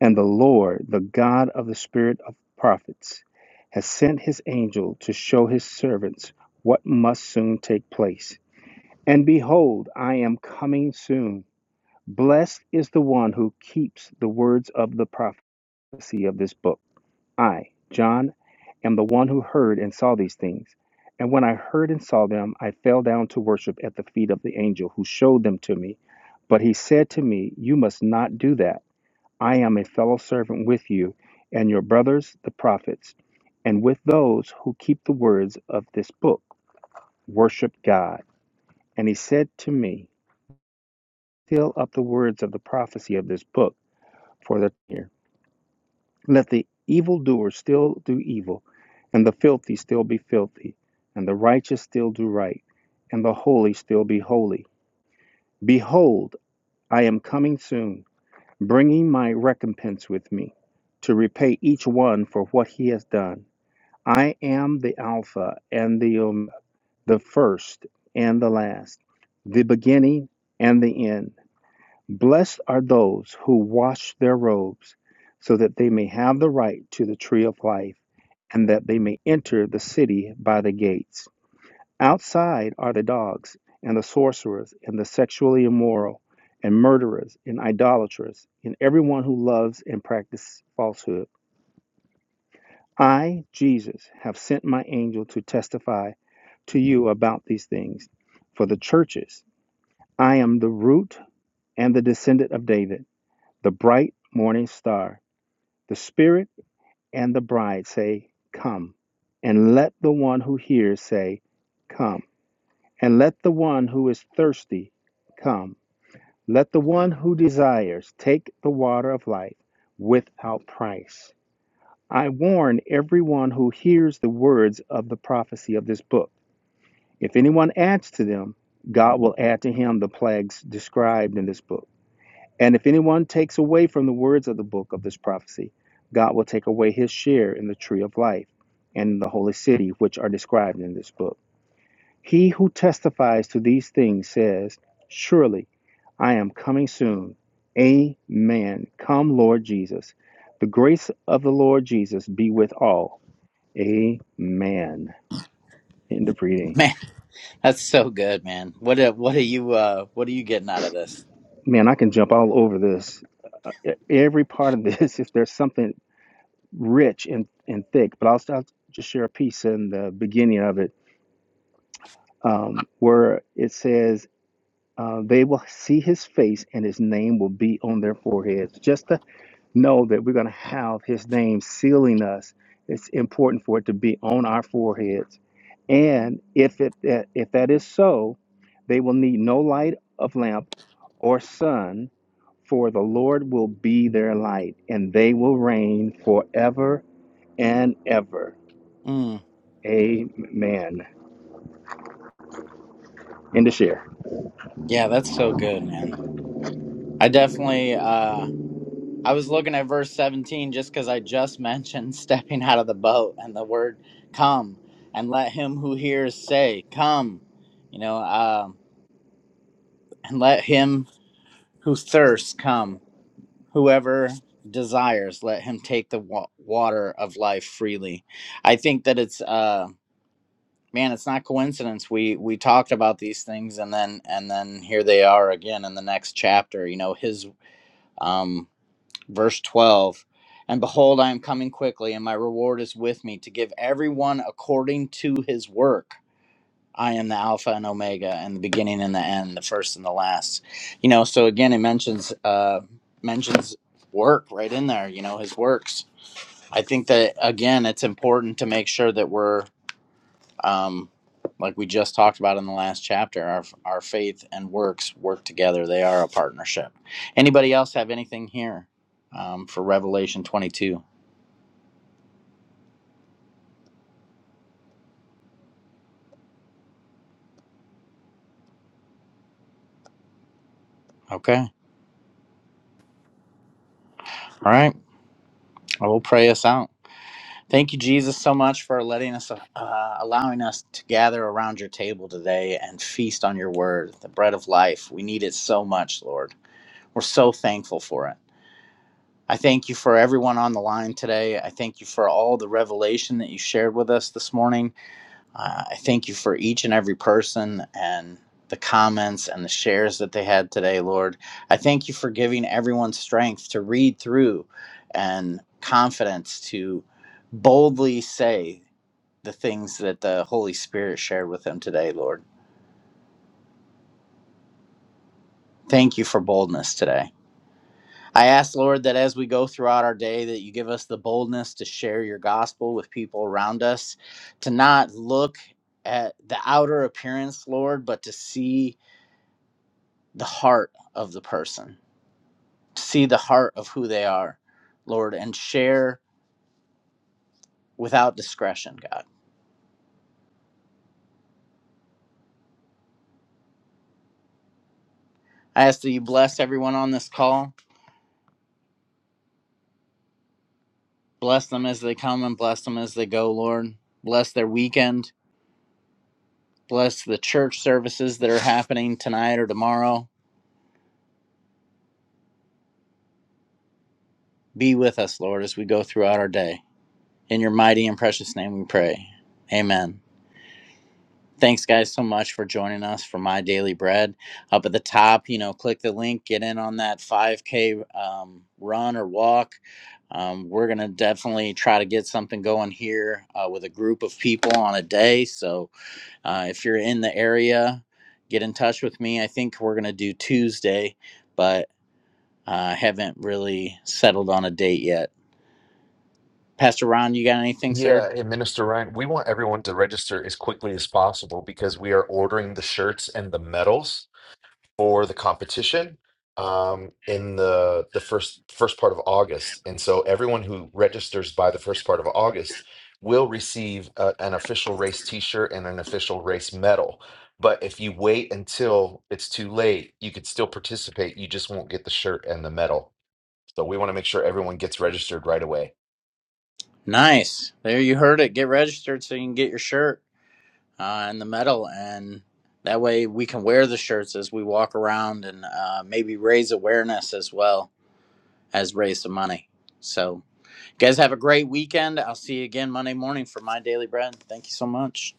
And the Lord, the God of the spirit of prophets, has sent his angel to show his servants what must soon take place. And behold, I am coming soon. Blessed is the one who keeps the words of the prophecy of this book. I, John, am the one who heard and saw these things. And when I heard and saw them, I fell down to worship at the feet of the angel who showed them to me. But he said to me, You must not do that. I am a fellow servant with you and your brothers, the prophets, and with those who keep the words of this book. Worship God. And he said to me, Seal up the words of the prophecy of this book for the year. Let the evildoer still do evil, and the filthy still be filthy, and the righteous still do right, and the holy still be holy. Behold, I am coming soon, bringing my recompense with me, to repay each one for what he has done. I am the Alpha and the Omega, the first and the last, the beginning and the end. Blessed are those who wash their robes, so that they may have the right to the tree of life, and that they may enter the city by the gates. Outside are the dogs, and the sorcerers, and the sexually immoral, and murderers, and idolaters, and everyone who loves and practices falsehood. I, Jesus, have sent my angel to testify to you about these things for the churches. I am the root and the descendant of David, the bright morning star. The Spirit and the bride say, Come. And let the one who hears say, Come. And let the one who is thirsty come. Let the one who desires take the water of life without price. I warn everyone who hears the words of the prophecy of this book. If anyone adds to them, God will add to him the plagues described in this book. And if anyone takes away from the words of the book of this prophecy, God will take away his share in the tree of life and in the holy city, which are described in this book. He who testifies to these things says, Surely I am coming soon. Amen. Come, Lord Jesus. The grace of the Lord Jesus be with all. Amen. End of <laughs> reading. Man, that's so good, man. What a, what are you uh what are you getting out of this? Man, I can jump all over this. e- every part of this <laughs> if there's something rich and, and thick but i'll start just share a piece in the beginning of it um, where it says uh, they will see his face and his name will be on their foreheads just to know that we're going to have his name sealing us it's important for it to be on our foreheads and if it if that is so they will need no light of lamp or sun For the Lord will be their light, and they will reign forever and ever. Mm, Amen. End of share. yeah, that's so good, man. I definitely uh I was looking at verse 17 just because I just <laughs> mentioned stepping out of the boat and the word come and let him who hears say, Come, you know, um, and let him who thirsts come. Whoever desires, let him take the wa- water of life freely. I think that it's, uh, man, it's not coincidence. We, we talked about these things and then, and then here they are again in the next chapter, you know, his, um, verse 12 and behold i am coming quickly and my reward is with me to give everyone according to his work i am the alpha and omega and the beginning and the end the first and the last you know so again it mentions uh mentions work right in there you know his works i think that again it's important to make sure that we're um, like we just talked about in the last chapter our, our faith and works work together they are a partnership anybody else have anything here um, for revelation 22 okay all right i will pray us out thank you jesus so much for letting us uh, allowing us to gather around your table today and feast on your word the bread of life we need it so much lord we're so thankful for it I thank you for everyone on the line today. I thank you for all the revelation that you shared with us this morning. Uh, I thank you for each and every person and the comments and the shares that they had today, Lord. I thank you for giving everyone strength to read through and confidence to boldly say the things that the Holy Spirit shared with them today, Lord. Thank you for boldness today. I ask, Lord, that as we go throughout our day, that you give us the boldness to share your gospel with people around us, to not look at the outer appearance, Lord, but to see. the heart of the person, to see the heart of who they are, Lord, and share without discretion, God. I ask that you bless everyone on this call. Bless them as they come and bless them as they go, Lord. Bless their weekend. Bless the church services that are happening tonight or tomorrow. Be with us, Lord, as we go throughout our day. In your mighty and precious name we pray. Amen. Thanks, guys, so much for joining us for My Daily Bread. Up at the top, you know, click the link, get in on that 5K um, run or walk. Um, we're going to definitely try to get something going here uh, with a group of people on a day. So uh, if you're in the area, get in touch with me. I think we're going to do Tuesday, but I uh, haven't really settled on a date yet. Pastor Ron, you got anything, sir? Yeah, and Minister Ryan, we want everyone to register as quickly as possible because we are ordering the shirts and the medals for the competition um, in the the first first part of August, and so everyone who registers by the first part of August will receive uh an official race T-shirt and an official race medal. But if you wait until it's too late, you could still participate. You just won't get the shirt and the medal. So we want to make sure everyone gets registered right away. Nice. There you heard it. Get registered so you can get your shirt. uh, in the metal, and that way we can wear the shirts as we walk around and uh, maybe raise awareness as well as raise some money. So, you guys have a great weekend. I'll see you again Monday morning for my daily bread. Thank you so much.